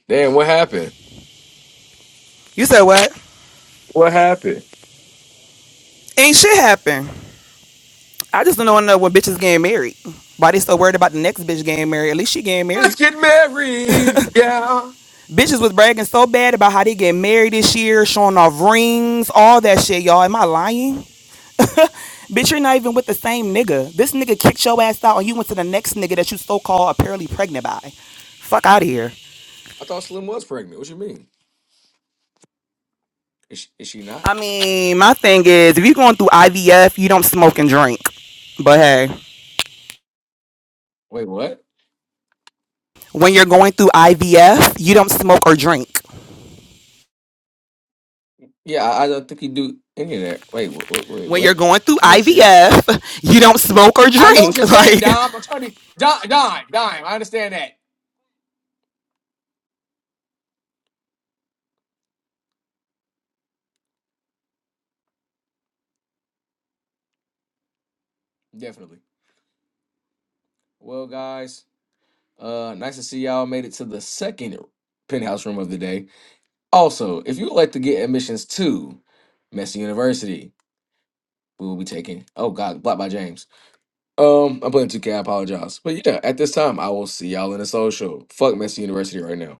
S1: Damn, what happened?
S5: You said what?
S1: What happened?
S5: Ain't shit happen. I just don't want to know when bitches getting married. Why they so worried about the next bitch getting married? At least she getting
S1: Let's
S5: married.
S1: get married. Yeah.
S5: Bitches was bragging so bad about how they getting married this year, showing off rings, all that shit, y'all. Am I lying? Bitch, you're not even with the same nigga. This nigga kicked your ass out and you went to the next nigga that you so called apparently pregnant by. Fuck out of here.
S1: I thought Slim was pregnant. What you mean? Is she, is she not?
S5: I mean, my thing is, if you're going through IVF, you don't smoke and drink. But hey.
S1: Wait, what?
S5: When you're going through IVF, you don't smoke or drink.
S1: Yeah, I, I don't think he do any of that. Wait, wait, wait,
S5: When
S1: what?
S5: you're going through
S1: Oh shit.
S5: IVF, you don't smoke or
S1: I know what
S5: drink. *laughs*
S1: you're saying,
S5: Like
S1: Dom. I'm trying to be Dom, Dom, Dom. I understand that. Definitely. Well, guys, uh, nice to see y'all made it to the second penthouse room of the day. Also, if you would like to get admissions to Messy University. we will be taking. Oh God, blocked by James. Um, I'm playing 2K. I apologize, but yeah, at this time, I will see y'all in the social. Fuck Messy University right now.